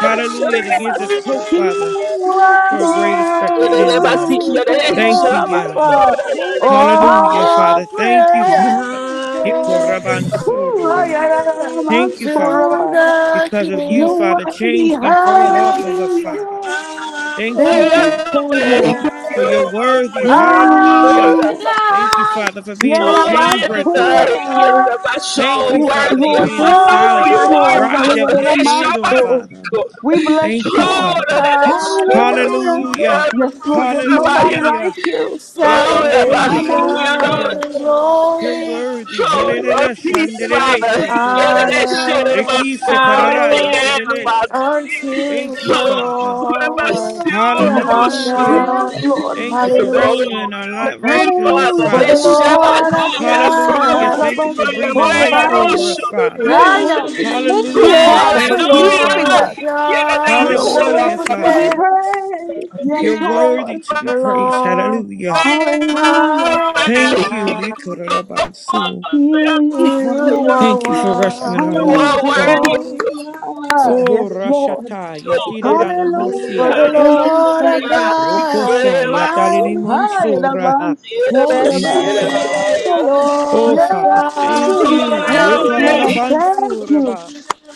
H: Hallelujah. That gives us hope,
C: He
H: Father,
D: Abba.
C: is
H: for a great expected
D: Yes,
H: end, Yah.
K: Resharamasu,
D: Abba,
C: one.
K: Resharamasu,
H: Thank you,
D: hallelujah.
H: Yahweh.
K: Yahweh,
H: Hallelujah,
A: All
H: Father. Thank you,
C: Hallelujah.
H: Father.
D: Hallelujah,
A: praises
C: Ooh,
H: Hikorabansoraba.
C: ay, ay, ay,
D: hallelujah,
C: ay, man,
H: Thank
D: Abba.
H: you,
A: to
C: so
H: Father.
C: rabbi.
D: Oh,
A: the
H: Because of you,
A: King.
C: You're
H: Father,
C: worthy.
H: chains can fall off
D: hallelujah.
H: of us,
A: I
C: Hallelujah.
A: surrender.
H: Father.
D: Oh, Abba,
H: Thank you,
C: Thank you,
H: Yah,
C: Savior.
H: for your
D: yes,
H: worthy. Hallelujah.
C: Hallelujah.
K: God,
H: Thank you,
A: I
H: Father, for being
K: No,
H: the chain
K: I am
H: breaker,
D: Abba.
K: not
H: Father.
K: yet
C: Yerabasurabaya.
K: my
H: Thank
K: soul
H: you,
C: Yes,
K: worthy
H: Father, for
C: Lord.
K: and
H: being the
C: Thank
D: Ah,
K: wonderful
H: solid
K: you
C: you,
D: yes,
K: are,
C: Lord.
D: Lord,
H: rock
A: surrender.
H: that
C: Hallelujah.
K: Father.
H: we
D: Abba,
K: Hey,
H: stand
D: yes.
H: on,
C: Yerabaso.
H: Father.
K: Shabasiko.
C: We bless
H: Thank you,
C: you.
K: Oh, that
H: Father.
K: that is
D: Hallelujah,
C: Hallelujah.
A: Hallelujah.
H: Hallelujah.
D: hallelujah,
K: Shabasiko.
C: Yes, Lord.
D: hallelujah, hallelujah.
C: There's nobody
K: Sabaya.
C: like
H: Hallelujah.
C: you.
D: Yes,
H: Yes,
D: you
K: Oh,
D: get
K: that
H: Lord.
D: it,
K: body,
A: Salvation
H: Hallelujah.
A: and
D: Abba.
C: Yerabasurabaya.
H: You're
A: glory,
H: worthy.
D: Hallelujah.
K: Oh, you
H: Hallelujah.
K: peace,
H: Shandelele
K: Father. Get
H: shokora.
K: that
D: Yes, double
K: shit in
A: honor
K: my
A: and
H: Rikisa
D: hallelujah,
K: soul.
H: kararaya
A: power
K: Yeah, my
H: telelesha.
A: unto
H: Thank
D: hallelujah,
K: soul.
H: you,
A: the
K: Oh,
H: Father.
C: Hallelujah, Lord.
K: what about
A: Lord
K: you?
C: Hallelujah.
A: our
K: Emotional.
H: Hallelujah.
C: Yes,
A: God.
C: Lord.
H: Thank you
D: hallelujah,
H: for
A: Hallelujah.
H: rescuing our life,
K: Good
H: rescuing
K: Father,
H: us,
C: Hallelujah.
A: For the
K: this
C: Yes,
H: Father.
K: Shabbat,
C: Lord.
A: Lord of
K: I
D: hallelujah, hallelujah, hallelujah,
H: Hallelujah.
K: promise
A: God,
K: you,
H: Thank you for
K: by your
D: hallelujah,
H: breathing
K: way,
H: life
C: Yerabasurabaya.
H: over
K: Rosh
A: my
H: us, Father.
C: You're
A: yeah, yeah.
C: worthy. Thank you,
H: Hallelujah.
C: Father,
A: Yes,
C: for
A: the
H: Thank you,
C: keeping
A: Lord
C: us.
A: of
H: Father.
K: Hallelujah! Get a
A: God
D: yeah,
C: You're
A: is
K: dance,
H: Hallelujah,
C: worthy to
K: Shabbat.
C: be
H: Father.
A: omnipotent.
C: praised.
J: take
C: Yes,
H: You're worthy
C: Lord.
H: to
A: The
H: be praised.
A: Lord
H: Hallelujah.
J: all.
C: Hallelujah.
A: our
D: hallelujah,
H: Thank you.
A: God,
H: Hikorobansu.
C: He is
A: you
D: hallelujah,
C: one.
H: Thank you for rescuing
A: are
H: our
K: You
D: hallelujah,
K: are
H: lives,
C: Hallelujah.
H: Father.
K: worthy.
A: wonderful.
D: hallelujah,
C: Father.
H: Oh,
C: Yes, Lord.
H: Rashata, Yatira
J: Yes,
H: Lanamosi
A: For
H: and
C: Hallelujah.
A: the
C: Thank you,
K: Hallelujah.
A: Lord of
C: Father.
A: God is
H: Rokosha,
D: hallelujah,
H: Yatalini
A: mighty.
C: Hi, and
H: Mansura.
C: advance
K: Get a
D: yes,
C: for
H: Thank
K: dance,
H: you,
C: Rabbiah.
H: Father.
A: Yes,
D: yes.
A: the
K: Shabbat.
H: Oh,
A: Lord of
C: You're
H: Father,
C: worthy
D: Yes,
A: God
C: to
H: thank
C: be
A: is
H: you.
C: praised,
D: oh
C: Lord. I
A: omnipotent.
D: yes,
C: thank you.
H: Yekorarabansuraba.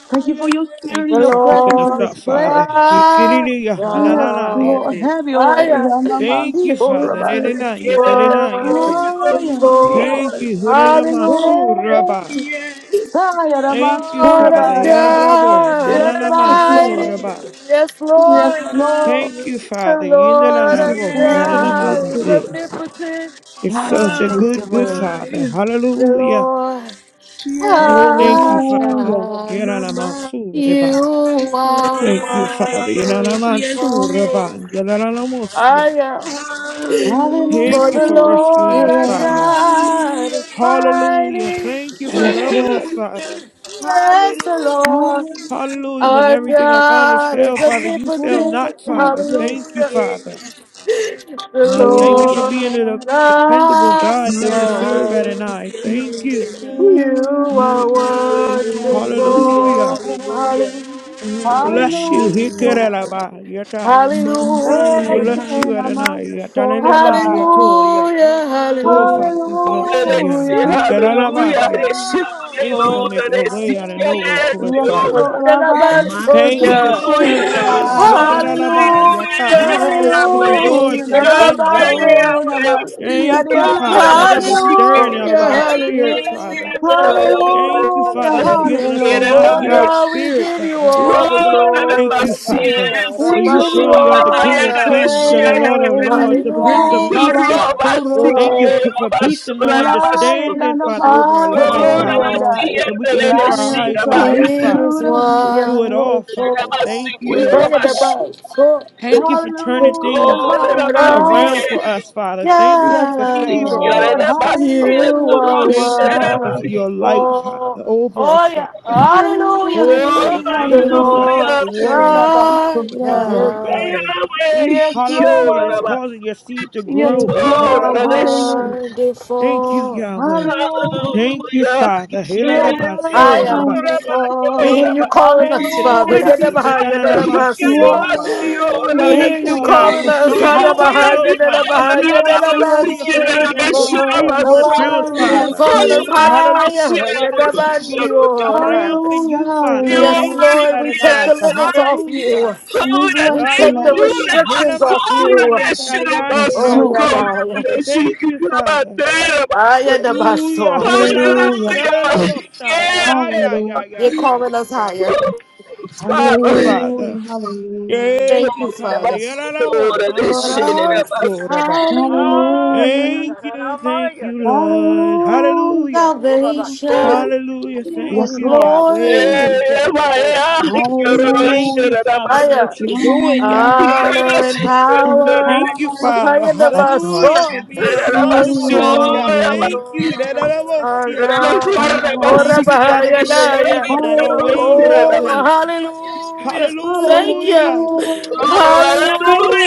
C: Thank you for your
H: Thank
C: spirit
A: The
C: and
H: you
C: your
H: for picking
C: presence
H: us
C: in
A: Lord,
C: this
H: up, Father.
C: place.
A: I,
H: Yekiriri
D: Father,
C: Yes,
H: yahananana
A: I,
D: hallelujah,
C: Lord,
H: yete.
C: have your
D: hallelujah,
A: I
C: way.
A: am
D: yes,
C: Yamaman
H: Thank you, Father.
A: His
D: Father,
H: Nelena yete, lena
A: word
H: yete.
K: Hallelujah.
C: Oh, yes, Lord.
A: before.
H: Thank you,
A: Hallelujah.
C: Yes.
H: Huranamansuraba.
C: Tired
A: The
C: of my
H: Thank you,
A: Lord our
H: Father.
C: Torah.
D: oh my,
H: Yararabo,
D: yes,
A: God is
C: Yes, Lord.
A: mighty.
H: nananamansuraba.
A: Yes,
C: Yes,
A: Lord.
C: Lord.
H: Thank you,
A: The
H: Father.
A: Lord
C: Thank
A: our
C: you,
H: Yindalalabo,
C: Father. We bless
A: God is
C: you.
H: nananamansi.
A: omnipotent.
H: It's
C: Higher.
H: such a
C: Thank you,
H: good, good
C: Lord.
H: Father.
A: The
H: Hallelujah.
A: Lord
H: Thank you,
A: our
H: Father.
C: Hallelujah.
A: God,
D: my mind
H: Yeranamasureba.
A: you
D: is
A: are
H: Thank you, Father.
A: wonderful.
D: wonderful, yes, yes,
H: Yeranamasureba.
A: I
H: Yeranamasia.
A: am.
D: hallelujah.
A: For
H: Thank you
A: the
H: for rescuing
A: Lord
H: us,
A: our
C: Hallelujah.
H: Father.
A: God is
D: Hallelujah.
H: Hallelujah.
A: mighty.
H: Thank you for
C: Yes,
H: loving
C: Lord.
H: us,
G: *coughs*
H: Father.
A: Yes, the
D: Hallelujah.
A: Lord
H: Hallelujah. When
A: our
H: everything around us
A: God is
H: fell, Father, you fell
A: omnipotent.
H: not, Father.
D: Yes,
H: Thank you,
A: Hallelujah.
D: yes.
H: Father.
A: The
H: Thank you for
D: Hallelujah.
H: being
A: Lord
H: the dependable
A: our
H: God that we
C: Hallelujah.
H: serve at
A: God.
H: and I. Thank you.
D: Hallelujah.
A: You are
D: Hallelujah. Hallelujah.
H: Hallelujah.
A: wonderful.
D: Hallelujah.
A: Hallelujah.
H: Bless you.
D: Hallelujah.
C: Hallelujah.
H: Hikerelaba. Yataya.
D: My, my,
H: We
A: Hallelujah.
H: bless
C: Hey,
H: you, Adonai.
C: Namaste.
D: hallelujah.
H: Ya talenema, ya toa, ya.
A: Hallelujah.
H: Oh,
A: Hallelujah.
H: Father,
D: Hallelujah.
H: we bless you, Yah.
C: Hallelujah.
H: Ya karalaba, ya.
A: Hallelujah.
H: Thank you for making a way out of no way for us,
C: Yes,
H: Father.
C: Lord,
D: My, my, hallelujah. My,
C: Namaste.
H: Thank you for strength,
D: my,
H: Father. He karalaba, ya ta, ya.
A: Hallelujah.
H: To endure
C: Hallelujah.
H: to the end,
C: Namaste.
H: Yahweh.
C: Namaste.
A: Hallelujah.
H: Thank you, Father, for the stirring up
A: Hallelujah.
H: in our spirits, Father. Thank you,
A: Hallelujah.
C: Hallelujah.
H: Father, for giving us a not
A: Oh
H: give
C: Hallelujah.
K: Quiere
H: up
A: God, we
H: spirit,
A: give you
H: Yahweh.
A: all
C: You're
A: the
C: worthy
H: Thank
A: glory.
H: you, Father.
A: Yeah,
H: For
C: We
H: you
C: give you
H: surely are the
C: all
H: King
C: the
H: of
A: Rabbatoya.
H: kings and the Lord of lords,
C: praise.
H: the Prince of peace,
A: Hallelujah.
H: Yah.
A: The
C: Yahalabansora.
H: Thank you
A: Lord
H: p- for peace and no
C: Lion
H: understanding,
C: of
H: Father,
C: the
H: over our
A: our
H: lives,
C: Mansoria.
H: Father.
A: God.
H: That we can keep our
C: Lion of the
H: eyes
A: He
H: on
C: tribe
H: you,
C: of
A: is
H: Father.
C: Judah. Yes,
H: Do it
C: Lord.
H: all, Father. Thank
A: wonderful.
H: you,
C: We
H: Yah.
A: Bring
C: bless
A: it
C: you.
A: back.
K: Hallelujah.
A: So
H: Thank you for
A: the
H: turning things
C: Hallelujah.
A: Lord our
C: Hallelujah.
H: around for us, Father. Thank you for
C: Yes,
H: your favor
A: God,
H: over
C: Lord.
H: us, Father.
A: you
C: Hallelujah.
A: are
H: Thank you, Father, for your light, Father,
A: wonderful.
H: over us,
A: Oh yeah,
H: Father.
A: hallelujah.
H: Oh,
C: Hallelujah.
H: Father,
A: The
H: thank you,
C: Hallelujah.
H: Father,
A: Lord
H: for warning
C: Hallelujah.
H: us
A: our
H: with your
C: Yahalabansora.
H: word,
A: God,
H: Yahweh.
C: Yes,
H: Hallelujah. It's
C: Lord.
H: causing your seed to
C: Yes,
H: grow.
A: you
C: Lord.
A: are
C: Hallelujah.
H: Hikarabanso. Thank you,
A: wonderful.
H: Yahweh. Thank
C: Hallelujah.
H: you,
K: Hallelujah.
H: Father.
K: Yes,
C: You're
A: I
H: Hiralabanso,
K: oh,
A: am.
H: Rabba.
K: Rabba,
A: We
K: oh,
A: hear
H: Thank
C: wonderful.
A: you
K: Rabba.
H: you for
A: calling us,
H: changing us,
A: Father.
C: Hallelujah.
K: Enemy,
H: Father.
A: Yadabaha,
K: Father, he
H: Yatanalamanso,
C: You're
A: Yadabaso.
K: cares,
H: Rabba.
K: oh,
A: We
K: Rabba.
A: hear
H: Thank you,
A: you
H: Yah,
A: calling
H: for
C: wonderful.
A: us.
K: He
H: showing us
C: Ha-
K: will
A: Hadabaha,
K: be
H: ourselves, Father.
K: Father,
A: yadadabaha,
C: Yes,
K: Rabba,
H: Hallelujah.
K: seek
C: Lord.
H: For, so
C: Yes,
H: we can
A: yadadabase.
H: be
K: it,
H: free
C: Lord.
K: Rabba, of
H: from
K: son.
H: ourselves,
C: Nobody
A: Oh, you're
C: like
H: Father.
A: calling
K: Hallelujah,
A: us
C: you.
A: higher.
H: Hallelujah, Father. So
K: Rabba,
H: we can be
K: Rabba, Rabba
H: triumphant
A: Yadabandiora.
H: in
C: Hallelujah.
H: you,
K: you,
H: Father.
A: Yes,
H: Thank
C: Hallelujah.
H: you,
A: Lord, we
K: Almighty,
A: take
K: and
H: Adonai.
A: the
K: I.
A: limits off
H: Hallelujah.
A: you.
C: We
K: Lord, I
C: bless
A: We
C: your
K: thank
A: take the
C: name.
K: you
H: Hallelujah.
K: that my
A: restrictions
K: soul,
A: off you.
H: Helabasuria
K: that of
C: Yes,
K: us,
A: Oh,
C: Lord.
K: go,
H: Sariandirati.
A: yada.
K: that
H: Thank
K: shit, you
H: you,
K: know, my
H: Father.
K: dad, my
A: Ah,
H: Hallelujah.
A: yadabaso.
C: Hallelujah.
K: Hallelujah.
H: Helelabasharelabosai.
K: Yeah.
H: Yeah, yeah, yeah,
C: Hallelujah.
A: You're
H: yeah, yeah, yeah,
A: calling us
H: yeah,
A: higher.
H: yeah.
K: Oh,
H: Thank you,
A: Thank
K: Father.
A: you.
H: Father.
C: Hallelujah. Hallelujah.
H: Thank
A: Thank
H: you,
A: you,
K: Lord, my
H: Father.
A: Father.
K: soul,
J: I
K: that
A: Lord,
K: shit,
A: our
K: that my
H: Yalalabohandiriasoraba.
A: hallelujah,
C: Hallelujah.
H: Thank you, thank you, Lord.
C: Hallelujah.
H: Hallelujah.
K: Oh.
C: Hallelujah.
A: salvation
H: Hallelujah. Thank
C: Yes,
A: and
H: you,
C: Lord.
H: Yahweh.
A: glory,
K: Eh, my, yeah,
H: Ikelelebosia.
K: that
H: Thank
C: Hallelujah,
K: shit,
H: you,
K: that
H: Father, for
A: Aya,
H: what you're doing, Yah.
C: honor
A: honor and
C: and
A: power,
H: Thank you,
K: my
C: power
K: soul.
H: Father.
A: Aya the
G: Yes, Lord.
H: Hallelujah for
A: basso,
H: being
C: to
K: Oh,
C: the
H: uncomfortable
A: unto
H: now, y'all.
A: the
C: Lord.
H: Thank you.
A: Lord our
H: Da-da-da-bo-sia.
A: God.
H: Thank
A: Ora
C: Hallelujah,
H: you, Father,
A: bahaya
H: for your
J: decree
A: naya.
H: ways are
J: peace, I
H: not our
J: decree
H: ways,
J: wholeness,
A: Oh,
J: I
H: Yahweh.
J: decree financial
A: hallelujah.
J: stability,
A: Thank
J: stability
H: Hallelujah.
A: you.
J: and
C: hallelujah,
J: overflow.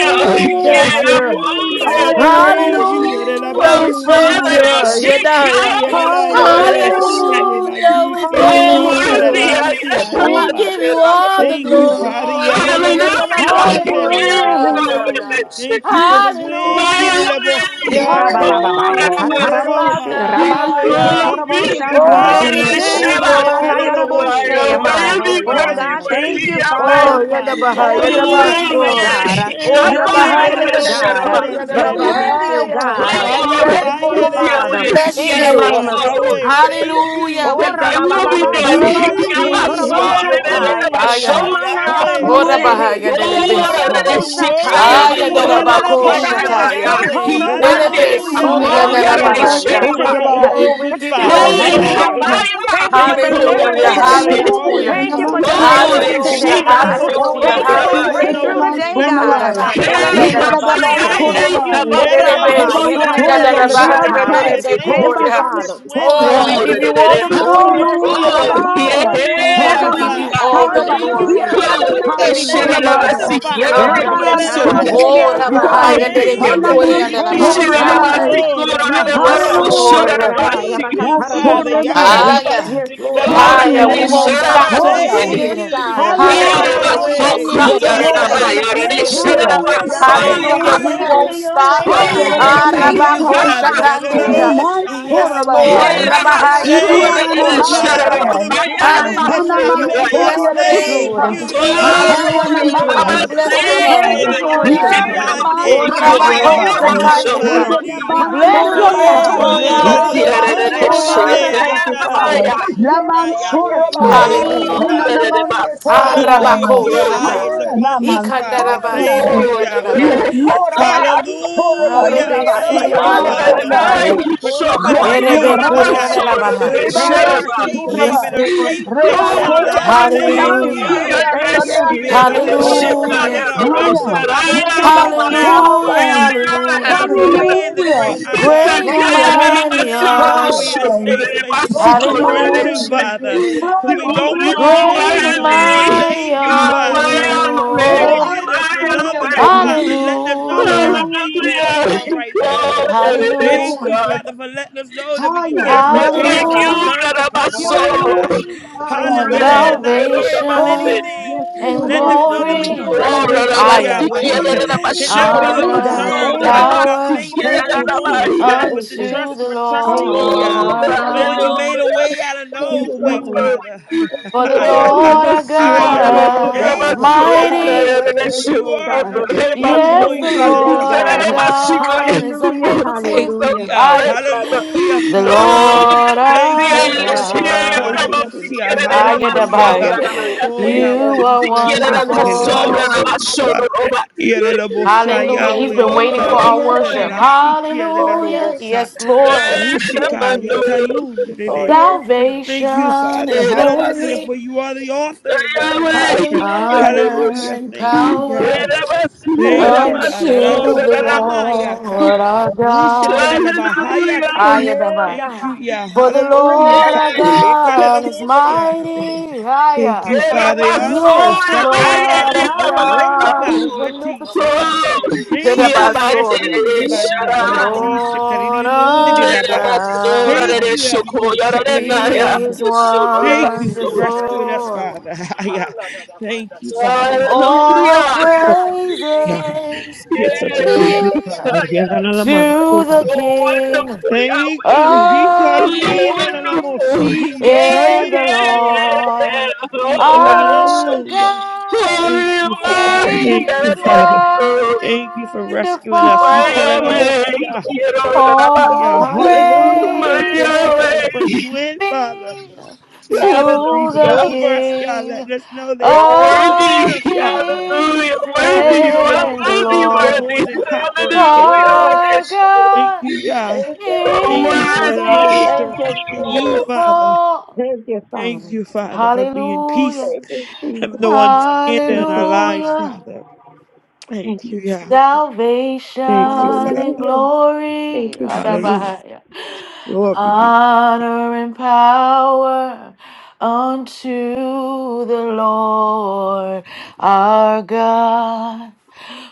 H: Trust
A: We
H: you,
J: da da
H: Yah.
J: da
A: thank
J: da, wo
A: you.
J: shanda da da
H: Hallelujah.
J: da,
H: We
J: wo ko
H: praise
J: shanda.
H: you.
A: Hallelujah, we thank you.
K: Father,
C: hallelujah,
J: That
K: I
J: is
H: Da-da-da-ba-su-ra-ba.
J: good.
K: shake your
A: Yedaya.
J: That was
K: soul.
J: good.
H: Ya-la-la-ya-te-su-ra-ba.
C: hallelujah,
A: Hallelujah,
J: And
A: we
K: Oh,
J: keeping us
A: thank
J: in
K: worthy
J: favor.
K: I
A: you.
C: hallelujah.
K: am.
C: We
J: You're
A: We
J: going to
H: Diki-ya-nu-sha-la-la-ya-sia-lo-ba.
A: give you
J: protect us.
A: all the
C: worship
H: Thank
J: We
H: you,
J: thank
C: you.
H: Father.
J: you, Father.
A: glory.
K: Hallelujah!
J: We thank
H: Ya-la-la-bo-sia.
K: *laughs*
J: you, Father. We
K: Yes,
A: Yedalabakoria,
H: Da-da-da-be-ko.
K: oh,
J: thank you,
A: Yedaya.
C: Hallelujah,
J: Father.
K: bless
H: Thank you for
K: you.
H: the wind.
K: My
A: Hallelujah, we
L: O
K: Lord, God,
A: thank
H: Nilelebosiande.
L: rabababa,
K: and I
A: you.
K: must
J: Thank you,
C: hallelujah.
L: yakataraboshe,
H: Shororoma,
J: Father.
K: see.
L: rabasi
H: Yahweh,
A: Rebandaya.
K: Oh,
H: thank you for the
C: We
K: goodness,
C: bless
L: ketoraboshatai.
A: Oh,
K: oh,
H: wind
C: your
J: We
H: of
A: we
K: the
J: thank
A: give
J: you,
A: you
L: O
H: change
J: Father.
K: oh,
J: We thank
L: rabanayaraboshe,
A: glory.
H: Yekalelebosia,
J: you,
L: amai.
J: Father.
K: worthy,
H: that's
L: Oh
K: worthy,
H: causing
L: God,
A: Yedabahaya.
J: We
L: thank
H: change
K: worthy,
L: you,
H: to
J: thank you,
A: Oh,
H: fall,
L: Father.
J: Father. We
H: Father.
J: thank
K: Yahweh.
J: you,
A: Yadabaha,
L: Oh, you're
J: Father.
K: Oh,
L: worthy,
H: Yalelebosia.
L: oh
A: Yadabaso.
L: God.
K: Yahweh,
A: Oh,
J: Thank
K: come
H: Thank
J: you,
L: You're
K: on,
H: you.
A: Rabaha,
J: Father.
K: and
L: worthy,
K: I
L: oh
K: shut up,
L: God.
A: Yadalabekuri,
H: Delelebosia,
K: us.
L: You're
C: name.
L: worthy, oh
H: Ndelelebeko.
A: Yadalabahaya.
L: God.
K: Oh,
H: Fire,
A: Yes,
L: Thank
K: bless
L: you,
H: fire.
A: Lord,
C: Hallelujah,
A: we
L: Father,
K: Yahweh,
A: bless
L: in
K: get
L: the
A: you.
L: name
H: Delelebesuraba,
C: hallelujah.
L: of
K: oh,
L: Jesus.
H: Yahweh, thank
A: Hallelujah,
H: you.
L: Oh,
K: that
A: we give
K: I
A: you
K: will be
H: You're
L: rabababa,
A: glory.
K: done.
C: We
K: He
C: bless
L: yarabasi,
K: cannot
H: worthy.
C: you,
L: ketorabo
C: yes,
K: solve
H: Here
K: it.
C: Lord.
K: It
L: shatai.
H: do,
K: never
L: Oh,
A: Aya.
K: showed up.
H: Yahweh,
L: manayarabo
A: Ora
H: thank
C: Hallelujah,
L: shehe.
A: bahaya
K: Glory
H: you.
A: dele
K: to
A: beso.
K: the
L: Inayalabo
H: You're
L: shatai.
K: Shikayama
A: Aya
H: worthy,
A: dara
L: Oh,
K: Durabo
L: God,
A: bako
L: tear
H: Yalalabo,
C: hallelujah.
L: down
H: by
L: every
A: shataya.
K: Saranabaya.
H: Yahweh.
L: stronghold,
K: He
L: oh God.
A: Lele
K: mandate him.
H: Hallelujah,
L: Oh,
A: besuri
L: God,
C: Ewa,
K: Gloria
A: andara
L: thank
K: to
L: you
H: hallelujah.
K: the
L: for
C: yaba,
A: bahaya.
L: strength
H: You're
K: Shirama.
H: such
L: today.
H: a
C: surabai.
A: Oh,
H: good,
A: we
L: Thank
H: good
A: give
L: you
A: you
L: for
H: Father.
A: all the
K: Hey,
L: strength
A: glory.
L: today.
H: Hallelujah.
C: Hallelujah,
K: Habayama.
L: Thank you
K: He
L: for
H: Thank you
K: called
H: for your
K: out of
L: deliverance
A: Hallelujah,
H: ways that
K: this
L: today.
H: are not
K: shit.
C: hallelujah.
H: always,
A: hallelujah.
L: Thank you
C: Nama,
L: for
H: Father.
K: Glory
H: Thank
K: to
L: deliverance
H: you,
C: surabai.
A: Hallelujah,
L: today,
K: Shiva
L: God.
C: Oh,
A: hallelujah,
H: Hikalalabosia.
L: Thank
C: nama,
L: you for a
H: Thank you for
K: Sikurabai.
C: siyere,
A: hallelujah.
H: knowing
L: breakthrough
C: nama,
H: what's
L: today,
H: best for us,
L: God.
C: sunabai.
A: Riba
L: In the
A: kori
K: Hey,
H: Hallelujah.
L: name
C: Vite,
A: andara
L: of
C: dada, ban,
K: Habaya.
L: Jesus.
A: basaya.
H: Thank
K: Hey,
H: you.
C: surabai.
L: Oh,
K: Habasu.
A: Lele
L: rababa,
C: Nama,
K: Gloria
A: besuri
K: to
C: sonia,
K: the
L: yekatarabo
A: andara
H: Yerelabosiande.
C: dada,
A: bahaya
L: shatai.
A: lele
H: Hallelujah.
C: ansai.
H: Thank you
L: Thank
C: Nama,
H: for
L: you,
H: the
A: bekoria.
C: ans,
H: fresh
L: Father.
H: wind,
K: Glory
A: Oh,
K: to
A: we
C: surabai.
H: Father.
A: give you all
K: the
A: the
H: Thank
K: Lord.
H: you
L: Oh,
H: for
A: glory.
H: the
L: yes.
C: Hallelujah,
K: Oh,
H: fire.
K: yeah,
L: Oh,
C: Rabbiah.
L: yes,
A: Hallelujah,
K: I'm
A: we
L: God.
K: on
A: give
C: Hanaman
J: Yebe
A: you
H: Hikirioraba.
A: all
K: fire.
A: the
J: sikura
C: Soraba.
J: na
H: Thank you for
L: Hallelujah.
A: glory.
C: Yeke
H: being
J: mashanda.
H: with
C: Adaman
K: Glory
H: us
A: We
H: as
A: give
H: we're
A: you
L: Hallelujah.
H: in the
C: Sorabiah.
A: all the
H: fire.
L: Glory
A: honor.
L: be
J: Yebe
L: to
C: Rabban
J: ba
L: God.
A: Oh,
H: Hikerelabosia.
J: sekoya na na
L: Glory
C: Sonabiansai.
A: Rabahaya, and
L: be to
A: it be
H: Thank
J: mashanda.
L: God.
H: you.
A: according
C: Hanaman
A: unto the
L: Thank you, Jesus.
C: Sorabai.
A: Messiah.
K: to
L: Yes,
A: Yes,
L: Lord.
H: Hikerelabansorabahaya.
L: Yes,
C: Hallelujah.
L: Lord.
A: Lord.
L: Rabbi,
H: Thank you,
L: Yarakatarabo
H: Father.
L: Shatai.
C: Nasorabai.
A: Higher,
L: Yes,
J: Yebe
L: Lord.
J: na
L: Yes,
A: higher.
J: moko
L: Lord.
A: We won't
C: Hayanaman
J: shanda.
L: Our
H: Yakariundurabansuraba.
A: stop till
L: soul
A: we
L: say
H: Thank
C: Soya.
A: see
L: yes,
A: it.
H: you,
L: God.
H: Yaka
L: Our
A: Hallelujah.
C: Hallelujah.
L: soul
A: We
L: say
A: won't
H: Yahweh.
L: yes,
A: stop
H: You
A: till
C: Yes,
A: we
H: are
L: Lord.
A: see the
C: Lord.
H: life,
L: Yes
H: *laughs*
L: to
A: manifestation.
L: your
C: Haya.
L: will,
H: Yahweh.
C: Yaban
L: God.
H: Thank
A: Hallelujah. We
L: Yes
H: you.
C: Sorabai.
L: to
A: won't
L: your
A: stop.
L: way, God.
A: Ah,
C: Hayanaman
H: Thank
L: Yes,
H: you,
A: Rabako
C: Sai.
L: Lord.
H: Father.
L: Yes,
K: the
L: Lord.
K: Lord.
A: Shatandaya.
C: Hanaman
H: Yadadadosai,
A: Yes,
K: Oh,
A: Lord.
L: Oh,
C: Sorabai.
H: Yahweh.
L: my, my, my,
A: Rabahaya
L: my.
C: Iki
H: Thank you,
C: Adaman
L: Yes,
H: Father,
A: Nerebekoriandaya.
L: yes,
H: for
C: Sai.
H: the
L: yes, God.
H: pruning that's
C: Hanaman
A: Hallelujah.
H: happening,
L: Yes,
A: We
H: Yah.
A: bless
L: Lord,
A: your
L: yes,
H: Thank
A: name.
L: Lord.
C: Sodiriansai,
H: you.
L: Yes, Lord, yes,
A: Hallelujah.
C: Hayanaman
A: We
L: Lord.
H: Delobosuraba.
A: bless your
L: Thank you
C: Sorabai,
A: name.
L: for
A: Oh,
L: what you're
A: yeah.
J: Yebe.
L: doing.
C: Yanaman
A: Oh,
H: Hikerelabosiande.
A: Rabako
L: Hallelujah,
C: Sorabai,
L: hallelujah.
A: Shatandaya. We
H: Shakayawolamandi.
C: Nidaman
A: bless your
L: Hallelujah,
H: Thank
A: name.
H: you.
C: Sorabai,
A: Oh,
L: hallelujah.
A: yeah.
C: Libyan
A: Rebandi,
L: Thank you,
A: oh,
L: Father.
H: Delalomondelebe.
A: yeah.
L: Thank you, Father.
C: Sodianansai,
L: Yes,
H: Yatalomosura,
C: Laman
L: Lord, yes,
H: Yahweh.
G: Yes,
L: Lord.
C: Sorabai,
H: Thank you,
A: Hallelujah.
L: Yes,
H: Father.
C: Hananaman
L: Lord, yes, Lord.
H: Hallelujah, for
C: Sorabai,
H: your
L: Yes,
H: eye
A: Arabakoshata.
H: is
L: Lord.
H: upon us,
C: Hayanaman
H: Father.
C: Sorabai.
H: Thank you,
A: Ikandarabasuri
H: Yahweh.
C: Yes,
K: yeah,
A: gandarabahaya.
C: Lord,
K: yeah,
C: Aban
K: yeah.
C: Sorabai,
L: Oh,
H: Hallelujah.
L: Rabbi, my
A: Arebesuri
H: Thank
L: God,
H: you,
C: Yanaman
K: Oh,
L: about
K: I'm
H: Father,
L: Shatai.
C: Sodai,
A: gandarabasande.
K: I'm
H: for
L: Oh,
H: keeping
L: Rabbi,
H: us
L: I
C: Yes,
L: speak to
H: safe,
C: Lord.
L: you
C: Rabbi,
H: uh,
A: Erebekuri
L: about
H: Yahweh.
L: Shatai.
A: gandarabahaya.
H: For you
C: Rabbi,
L: Thank you,
H: are
C: and
H: our safe
L: Jesus.
A: Yes,
H: haven,
C: Rabbi.
H: our
A: Lord.
H: safe
C: Rabbi,
H: place,
L: Thank you.
C: Kodia,
H: Adonai.
C: and
H: Thank
L: Thank
C: Raman,
L: you,
A: Hallelujah.
C: Spiki,
L: Father.
H: you
C: and
L: Thank
C: Sania.
H: for
L: you.
H: being our
L: Yes,
C: Oh,
H: shield,
L: Lord.
H: Father,
A: Hallelujah.
L: Thank
H: and our
L: you.
H: buckler,
C: Haya.
H: Father.
L: Thank you,
C: Yanaman,
H: Thank
C: so
L: God.
H: you.
A: Hallelujah.
C: Rabbi.
A: Hallelujah.
H: Father, for
L: Oh, Yeah,
H: being the
C: Hallelujah.
H: great
L: God. Yeah,
H: I
L: God.
A: Great
H: am.
A: and
C: Haya,
L: Yes,
C: Naman,
H: Thank
A: mighty
H: you,
L: Lord.
C: so
L: Yes,
H: Father,
A: are
H: for
A: you.
H: being a
L: Lord.
C: Rabbi.
H: safe place for
C: Lord,
H: us
C: you're
H: to
L: Yes,
H: run
C: mighty.
H: to,
L: Lord. Yes,
A: Hallelujah.
H: Father,
L: Lord.
H: who
K: You're
C: Haya,
H: we don't
C: Naman, so
H: understand
A: Great
H: what's
A: and
H: going
C: Rabbi.
H: on.
A: mighty
H: Thank you,
C: Yes,
A: are
K: way
L: Oh,
C: Lord.
L: my,
H: Father,
L: my, my,
H: for
L: my
K: away,
C: Rabbi,
A: you.
L: God.
K: you
C: I'm
H: holding us and
K: are
L: Thank
C: and
H: loving
K: way
H: us,
L: you.
C: Rabbi,
H: Father,
K: away.
H: and letting us know that
K: Hallelujah.
A: Hallelujah.
H: everything's
C: Hallelujah.
H: going to be
L: Yeah,
H: all
L: God.
H: right, Yah.
K: Oh, that
C: Yes,
K: it
H: Thank
K: is
C: Lord.
H: you,
A: Hallelujah.
H: Father,
K: God.
H: for letting us know that we can
C: Haya.
K: There's
H: cast our
C: Yes,
K: none
L: Oh, my,
H: cares and
L: my,
K: like
C: Lord.
L: my,
K: you,
L: my.
A: Hallelujah.
H: concerns
L: Yes, I
H: upon you,
K: Rarabaso.
H: Adonai.
C: Hallelujah.
L: Oh,
C: Haya,
L: my, my, my,
H: Hallelujah.
K: Yes,
C: Naman.
L: my,
H: and Not worry about
L: my.
K: Rarabase.
A: Salvation
L: Yes,
H: anything.
C: Oh, yeah,
A: and
L: Lord.
H: Letting
L: Yes,
C: I'm
H: us know
L: Lord.
H: that we
C: sorry,
H: can
A: glory,
K: Oh,
H: rest
L: Yes,
H: in
C: away.
H: you,
L: Lord.
A: higher
L: Yes,
K: Rarabasikia,
H: Yahweh. *laughs*
L: Lord.
H: And
K: Rarabasho,
C: Hallelujah.
H: not be
L: Thank you,
C: Thank you,
L: God.
A: honor
K: Rarabaso,
A: and
H: concerned,
L: Thank
C: Father.
H: Father,
L: you.
H: about
A: power
H: things
K: Rarabasikia,
H: that's
L: Thank
H: going
L: you, Jesus.
H: on,
C: Hallelujah.
K: Rarabai.
H: Father,
L: Thank
H: but to
L: you.
A: unto
H: trust,
A: the
H: but trust in
L: Thank
H: you,
L: you,
A: Lord
H: Yah.
K: Oh,
L: God.
C: Hallelujah.
A: our
L: Thank
H: Knowing you
L: you.
A: God.
H: made a way
K: hallelujah.
H: out of
L: Thank
H: no
C: Yes,
L: you,
H: way,
C: Lord.
H: Father.
L: God.
A: For the
L: You're
H: *laughs* Yah.
K: Oh,
L: worthy.
A: Lord our
K: Rabasu,
H: Yah.
L: Have your
K: Rabasu,
L: way,
A: God
H: Thank
A: is
L: God.
H: you,
K: Rabasu,
L: Have
H: Yah.
L: your
A: mighty.
K: Kaya,
L: way in
H: For
L: this
K: Rabasu,
H: you
L: room,
H: are
L: God.
H: a
K: Rabasu, Rabasu,
H: joy, your
L: Meet
A: Yes,
H: joy,
A: the
L: needs
K: Rabasu,
H: Father, is
L: today,
H: our
A: Lord
K: Instead of
A: our
L: God.
H: strength, Father.
K: Rabasiko,
A: God is
K: it's
L: Hallelujah.
H: Thank
A: omnipotent.
H: you,
L: Hallelujah.
K: thousand
H: Yah.
K: great,
A: Higher.
K: Father.
H: Hallelujah,
A: The
L: Oh,
H: Father.
K: Oh,
L: yes.
A: Lord
H: Thank you,
A: our
L: Thank
K: Rabasu,
L: you.
H: Father.
K: Rabasu, Kaya,
L: Thank
A: God.
L: you,
K: Rabasu,
H: Yakalalamosia.
L: Jesus.
A: I get that
H: Hallelujah.
L: Thank you,
A: Ayadabaya.
L: Lord.
K: Rabasu,
H: Oh,
L: Thank you.
H: Yahweh,
A: You
H: we
A: are
H: bless
K: Kaya,
H: you.
K: Rabasu,
L: Hallelujah.
A: wonderful.
K: Rabasu,
H: Elemansura.
K: Rabasu.
L: Oh,
H: Yelelamosa,
A: Hallelujah.
L: yes.
A: He's been
H: Yahweh.
A: waiting for
L: Oh,
A: our
L: yes,
K: Oh,
A: worship.
L: God.
H: Yakayunderelasikia,
L: Oh,
A: Hallelujah.
L: yes.
H: Lelelomosa.
A: Yes, Lord.
L: Yes,
H: Rushika,
L: Lord.
K: Rabasu,
L: Oh,
H: Yatayunderele.
L: yes, God.
A: Salvation
H: Thank you, Father.
A: and
H: Hallelujah,
K: Rabasu,
A: glory,
H: for you are the
K: Yahweh,
H: author and the finisher.
K: Hallelujah.
L: Hallelujah.
A: honor
H: Hallelujah.
A: and
H: Thank you, Yah.
K: Get
A: power
K: up, my soul,
H: Thank
L: Thank
H: you,
L: you.
A: unto
H: Yarabo
A: the
H: Hamayata.
A: Lord our God.
H: Rushetelebahayata.
L: Yeah,
A: Ayadabaya.
H: Thank
L: God.
H: you, Yah.
A: For the
L: Oh, yes.
H: Hallelujah.
A: Lord
H: Fa-
A: our God is
H: Ekalelomosiarebe.
A: mighty.
H: Thank
A: Ayah.
H: you, Father Ando
L: Hallelujah.
A: Yes, the
H: Shakaya.
A: Lord our
L: Hallelujah.
A: God
H: Rokaba
A: is
J: Kula ba
H: Yati Seta.
A: omnipotent.
K: oh,
H: Thank you,
K: here, my
H: yes,
A: Kedabasoria.
H: you
K: dear, shall I?
L: Yeah,
H: Rabanda
A: The
L: God.
H: Yati
A: Lord
H: Sekarili
A: our
K: Get up, my
H: Nondiraba.
K: soul, and
H: Thank
K: it
A: God,
H: you,
K: shall call
H: Ando
K: your
J: Thank you,
K: name.
H: Shakarili
A: He is
H: Anda.
J: Jesus.
H: Thank you for rescuing us,
A: wonderful.
H: Father. *laughs* Haya. Thank you, Father.
A: All
K: Hallelujah.
H: Oh,
J: Thank
H: yeah.
J: you,
A: praises
J: Jesus.
H: You're such
J: Thank
H: a good,
K: Yes,
A: be
H: good
K: I
H: father. you
J: you,
K: am
A: to the
K: so
A: King
K: wonderful,
H: Thank you.
K: Yahweh. So
A: of
H: Hikalina la la
A: Kings
K: wonderful.
H: mosi,
K: Yes, yes,
A: and the
K: yes. yes.
A: Lord
H: Thank
K: Oh,
L: Oh,
H: you,
K: God,
H: la
K: I'm
L: yes.
K: so
A: our God
H: Thank
K: holy.
H: you, Father.
K: Lord.
H: Thank
A: is
H: you,
K: Yes,
H: Father.
K: so
H: Thank you for rescuing
K: to
H: us.
A: wonderful.
L: Oh,
K: my
H: Hikala
L: yes.
K: Yahweh,
H: ah.
K: quiero
H: Thank you,
K: alabanza.
H: Yah.
A: All
L: Hallelujah.
K: My
H: Hallelujah.
A: praises
H: Thank you for the fresh
K: Yahweh,
H: wind, Father.
A: be
H: Thank you for
A: to
H: breathing
A: the
K: hallelujah.
H: over us, Yah.
A: King
H: Letting us know there's
K: So
H: life within
K: worthy,
A: of
H: us, Father.
K: hallelujah,
A: Kings
K: worthy, you
H: Hallelujah.
K: are
A: and
H: Letting
A: the
H: us know
K: worthy,
H: that we're
A: Lord.
H: more
K: worthy,
H: than conquerors,
L: Oh,
H: Yahweh.
K: hallelujah,
L: yes.
A: Our
K: yes.
H: Thank
A: God
H: you, Yah.
L: Thank you.
K: so
H: Thank you for
A: is
H: allowing
K: worthy.
H: us to
L: Thank you,
H: rest in you,
L: Jesus.
K: Oh,
H: Father.
A: wonderful.
L: Thank you,
H: Thank
L: Father.
H: you, Father, for being
A: Hallelujah.
H: peace
L: Thank you,
H: and the
L: Jesus.
H: one standing
L: Thank
H: in
L: you,
H: our
L: Jesus.
H: lives,
A: Hallelujah.
H: Father. Thank
L: Thank
H: you,
L: you,
H: Yah.
L: Jesus.
A: salvation
H: Thank you, Father.
A: and
L: Hallelujah. Thank
A: glory,
L: you, Jesus.
H: Hallelujah.
A: Adabahaya.
H: Glory be to
A: honor and power unto the Lord our God.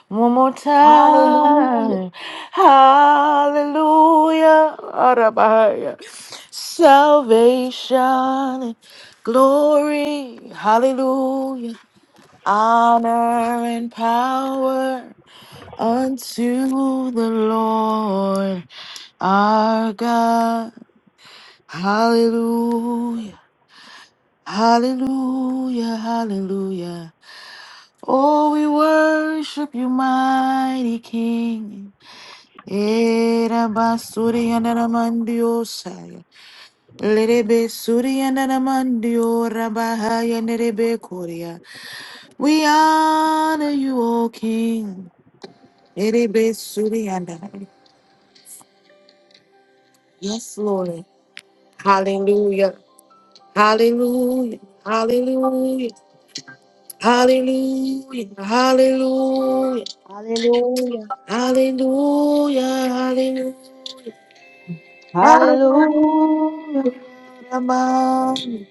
A: One more
C: Hallelujah.
A: time, hallelujah, Adabahaya. salvation, and glory, hallelujah, honor and power unto the Lord our God. Hallelujah, hallelujah, hallelujah. Oh, we worship you, mighty King. Era basuri andara mandio saya. Lerebe suri andara mandio rabahaya nerebe korea. We honor you, O King. Lerebe suri andara. Yes, Lord. Hallelujah. Hallelujah. Hallelujah. Hallelujah. Hallelujah.
C: Hallelujah.
A: Hallelujah. Hallelujah. Hallelujah.
C: Hallelujah.
A: Amen.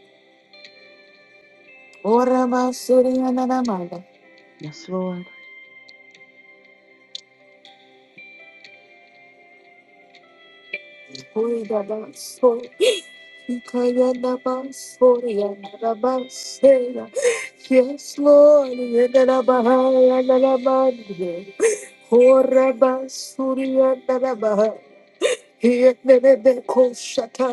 A: Ora basuria na na mala.
C: Yes, Lord.
A: Oi da baso. Ikaya na basuria na na basera. Yes, Lord. Yena na bahaya na na mande. Ora basuria na na bahaya. Yes, Father,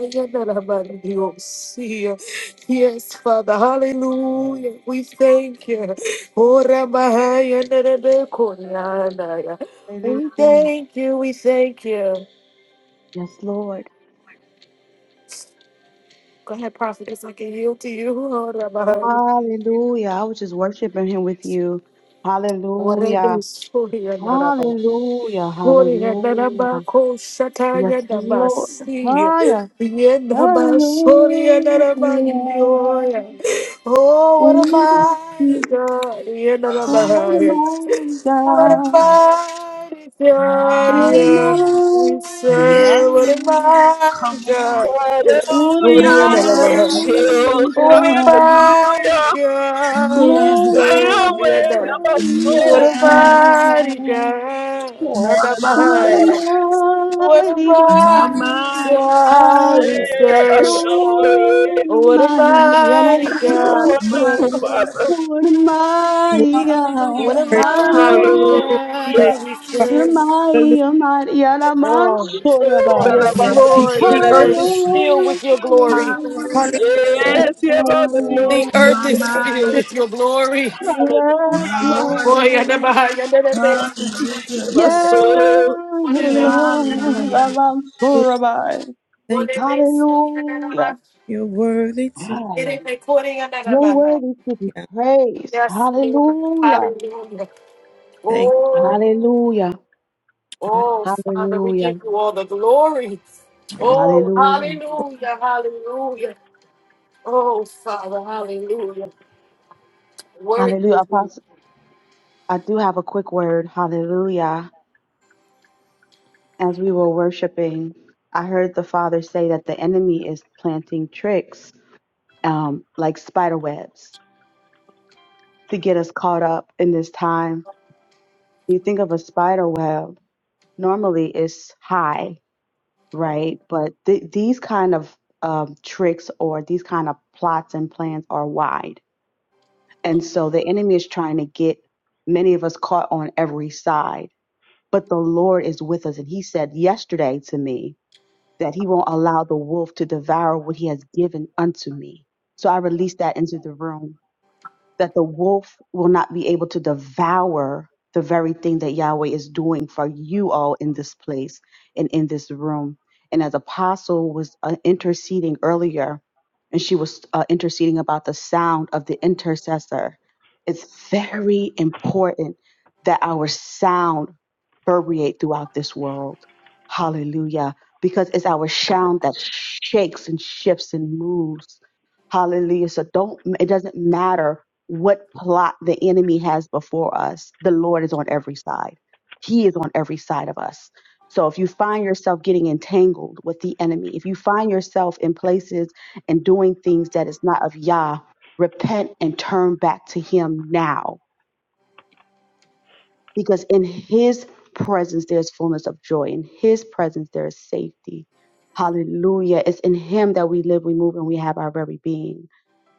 A: hallelujah. We thank you. Ora mahaya nerebe koyanaya. We
C: Hallelujah.
A: thank you. We thank you.
C: Yes, Lord.
A: Go ahead, prophetess. I can yield to you. Ora mahaya.
C: Hallelujah. I was just worshiping him with you.
A: Ora
C: Hallelujah.
A: nesoya naraba.
C: Hallelujah.
A: Gloria
C: Hallelujah.
A: Naraba Kosataya
C: Yes,
A: Nabasi
C: Lord.
A: Yenaba Soria
C: Hallelujah.
A: Narabanioya. Oh, what a
C: We just
A: mighty
C: you.
A: God,
C: What a
A: Yenarabahaya.
C: mighty
A: What a
C: God.
A: mighty God,
C: What a
D: hallelujah.
A: yeah. We
C: mighty
D: Yes,
A: serve, what a
C: God.
A: mighty
D: come on.
A: God.
C: What a
A: Gloria
K: hallelujah.
A: Narabahaya.
D: Yes,
K: Shield,
C: mighty
A: What a
C: God.
A: mighty
K: hallelujah.
A: God we
C: What
D: Yes,
C: a
K: Hey,
A: serve. Yeah,
K: away,
A: no.
K: my soul.
C: mighty
A: What a
D: yes.
C: God.
A: mighty God.
K: Oh,
A: Not
D: my,
A: that
K: hallelujah.
D: my.
C: What
A: behind.
C: a
A: What a
C: mighty
D: My,
A: mighty
D: my,
A: God
C: God.
A: we
K: Hey, my
A: serve.
K: soul, yes.
C: Mari,
A: What a
C: Mari, and
A: mighty
K: So
A: God.
D: my
C: Alfonso,
K: wonderful,
D: Lord.
K: Father.
C: por
H: you.
C: María,
A: What
D: Hallelujah.
A: a
H: Praise.
A: mighty
C: Hallelujah,
K: Hallelujah.
H: Thank
A: God we
H: you, Father.
C: you're
A: serve.
D: Hallelujah.
C: María,
A: Oh,
C: Alfonso,
K: Oh, that
C: Rabbi.
K: I
A: yes,
K: must
D: Yes,
K: seek
A: Lord. The earth is
D: yes.
K: it.
A: filled
C: Hallelujah,
A: with your glory.
H: Hallelujah.
D: Hallelujah.
C: Hallelujah.
K: Yes, yes, my
A: The
K: soul.
A: earth
D: My,
A: is filled
D: my,
A: with your glory.
C: Yes,
D: my
K: Hallelujah.
D: Lord.
A: Oh, yeah, no,
C: Lord.
A: behind. Yeah, no, no,
D: Hallelujah.
K: My
A: no.
C: Yes,
K: soul.
C: Lord,
D: Hallelujah.
C: Alfonso, Rabbi.
H: Thank you.
C: Hallelujah.
H: You're worthy to
C: Your word is to
H: be.
C: be
H: Yah.
C: praised.
A: Yes, Lord.
C: Hallelujah.
A: Hallelujah.
H: Thank
A: Oh,
C: Hallelujah.
H: you.
A: oh, Father, we
C: Hallelujah.
A: give you all the glory. Oh,
C: Hallelujah.
A: hallelujah, hallelujah. Oh, Father, hallelujah. Worthy
C: Hallelujah.
A: is you.
C: Apostle, I do have a quick word. Hallelujah. As we were worshiping, I heard the Father say that the enemy is planting tricks um, like spider webs to get us caught up in this time. You think of a spider web, normally it's high right? But th- these kind of um, tricks or these kind of plots and plans are wide. And so the enemy is trying to get many of us caught on every side. But the Lord is with us. And he said yesterday to me that he won't allow the wolf to devour what he has given unto me. So I released that into the room that the wolf will not be able to devour the very thing that Yahweh is doing for you all in this place and in this room. And as Apostle was uh, interceding earlier, and she was uh, interceding about the sound of the intercessor, it's very important that our sound permeate throughout this world. Hallelujah. Because it's our sound that shakes and shifts and moves. Hallelujah. So don't, it doesn't matter what plot the enemy has before us, the Lord is on every side. He is on every side of us. So if you find yourself getting entangled with the enemy, if you find yourself in places and doing things that is not of Yah, repent and turn back to Him now. Because in His presence, there's fullness of joy. In His presence, there is safety. Hallelujah. It's in Him that we live, we move, and we have our very being.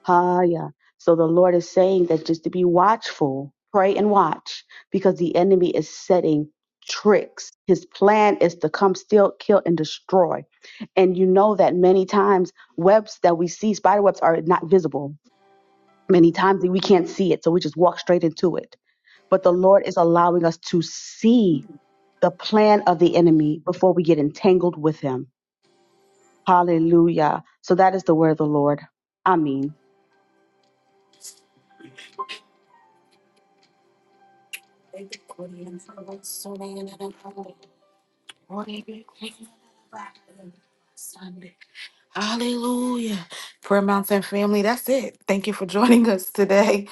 C: Ah, yeah. So the Lord is saying that just to be watchful, pray and watch, because the enemy is setting tricks. His plan is to come, steal, kill, and destroy. And you know that many times webs that we see, spider webs, are not visible. Many times we can't see it, so we just walk straight into it. But the Lord is allowing us to see the plan of the enemy before we get entangled with him. Hallelujah. So that is the word of the Lord. Amen.
A: Sunday. Hallelujah. Prayer Mountain family, that's it. Thank you for joining us today.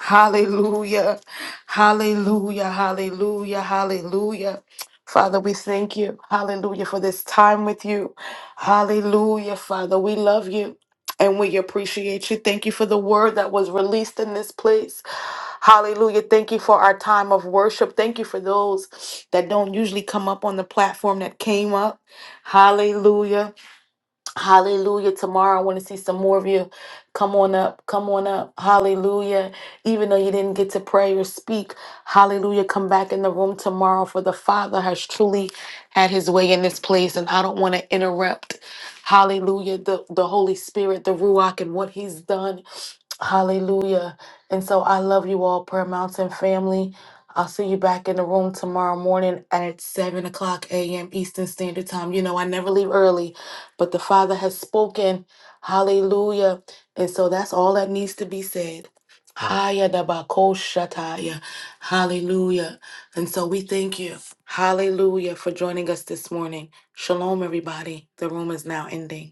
A: Hallelujah. Hallelujah. Hallelujah. Hallelujah. Father, we thank you. Hallelujah for this time with you. Hallelujah. Father, we love you and we appreciate you. Thank you for the word that was released in this place. Hallelujah. Thank you for our time of worship. Thank you for those that don't usually come up on the platform that came up. Hallelujah. Hallelujah. Tomorrow I want to see some more of you. Come on up. Come on up. Hallelujah. Even though you didn't get to pray or speak, hallelujah. Come back in the room tomorrow for the Father has truly had his way in this place. And I don't want to interrupt. Hallelujah. The the Holy Spirit, the Ruach, and what he's done. Hallelujah. And so I love you all, Prayer Mountain family. I'll see you back in the room tomorrow morning at 7 o'clock a.m. Eastern Standard Time. You know, I never leave early, but the Father has spoken. Hallelujah. And so that's all that needs to be said. Haya da ba ko shataya. Hallelujah. And so we thank you. Hallelujah for joining us this morning. Shalom, everybody. The room is now ending.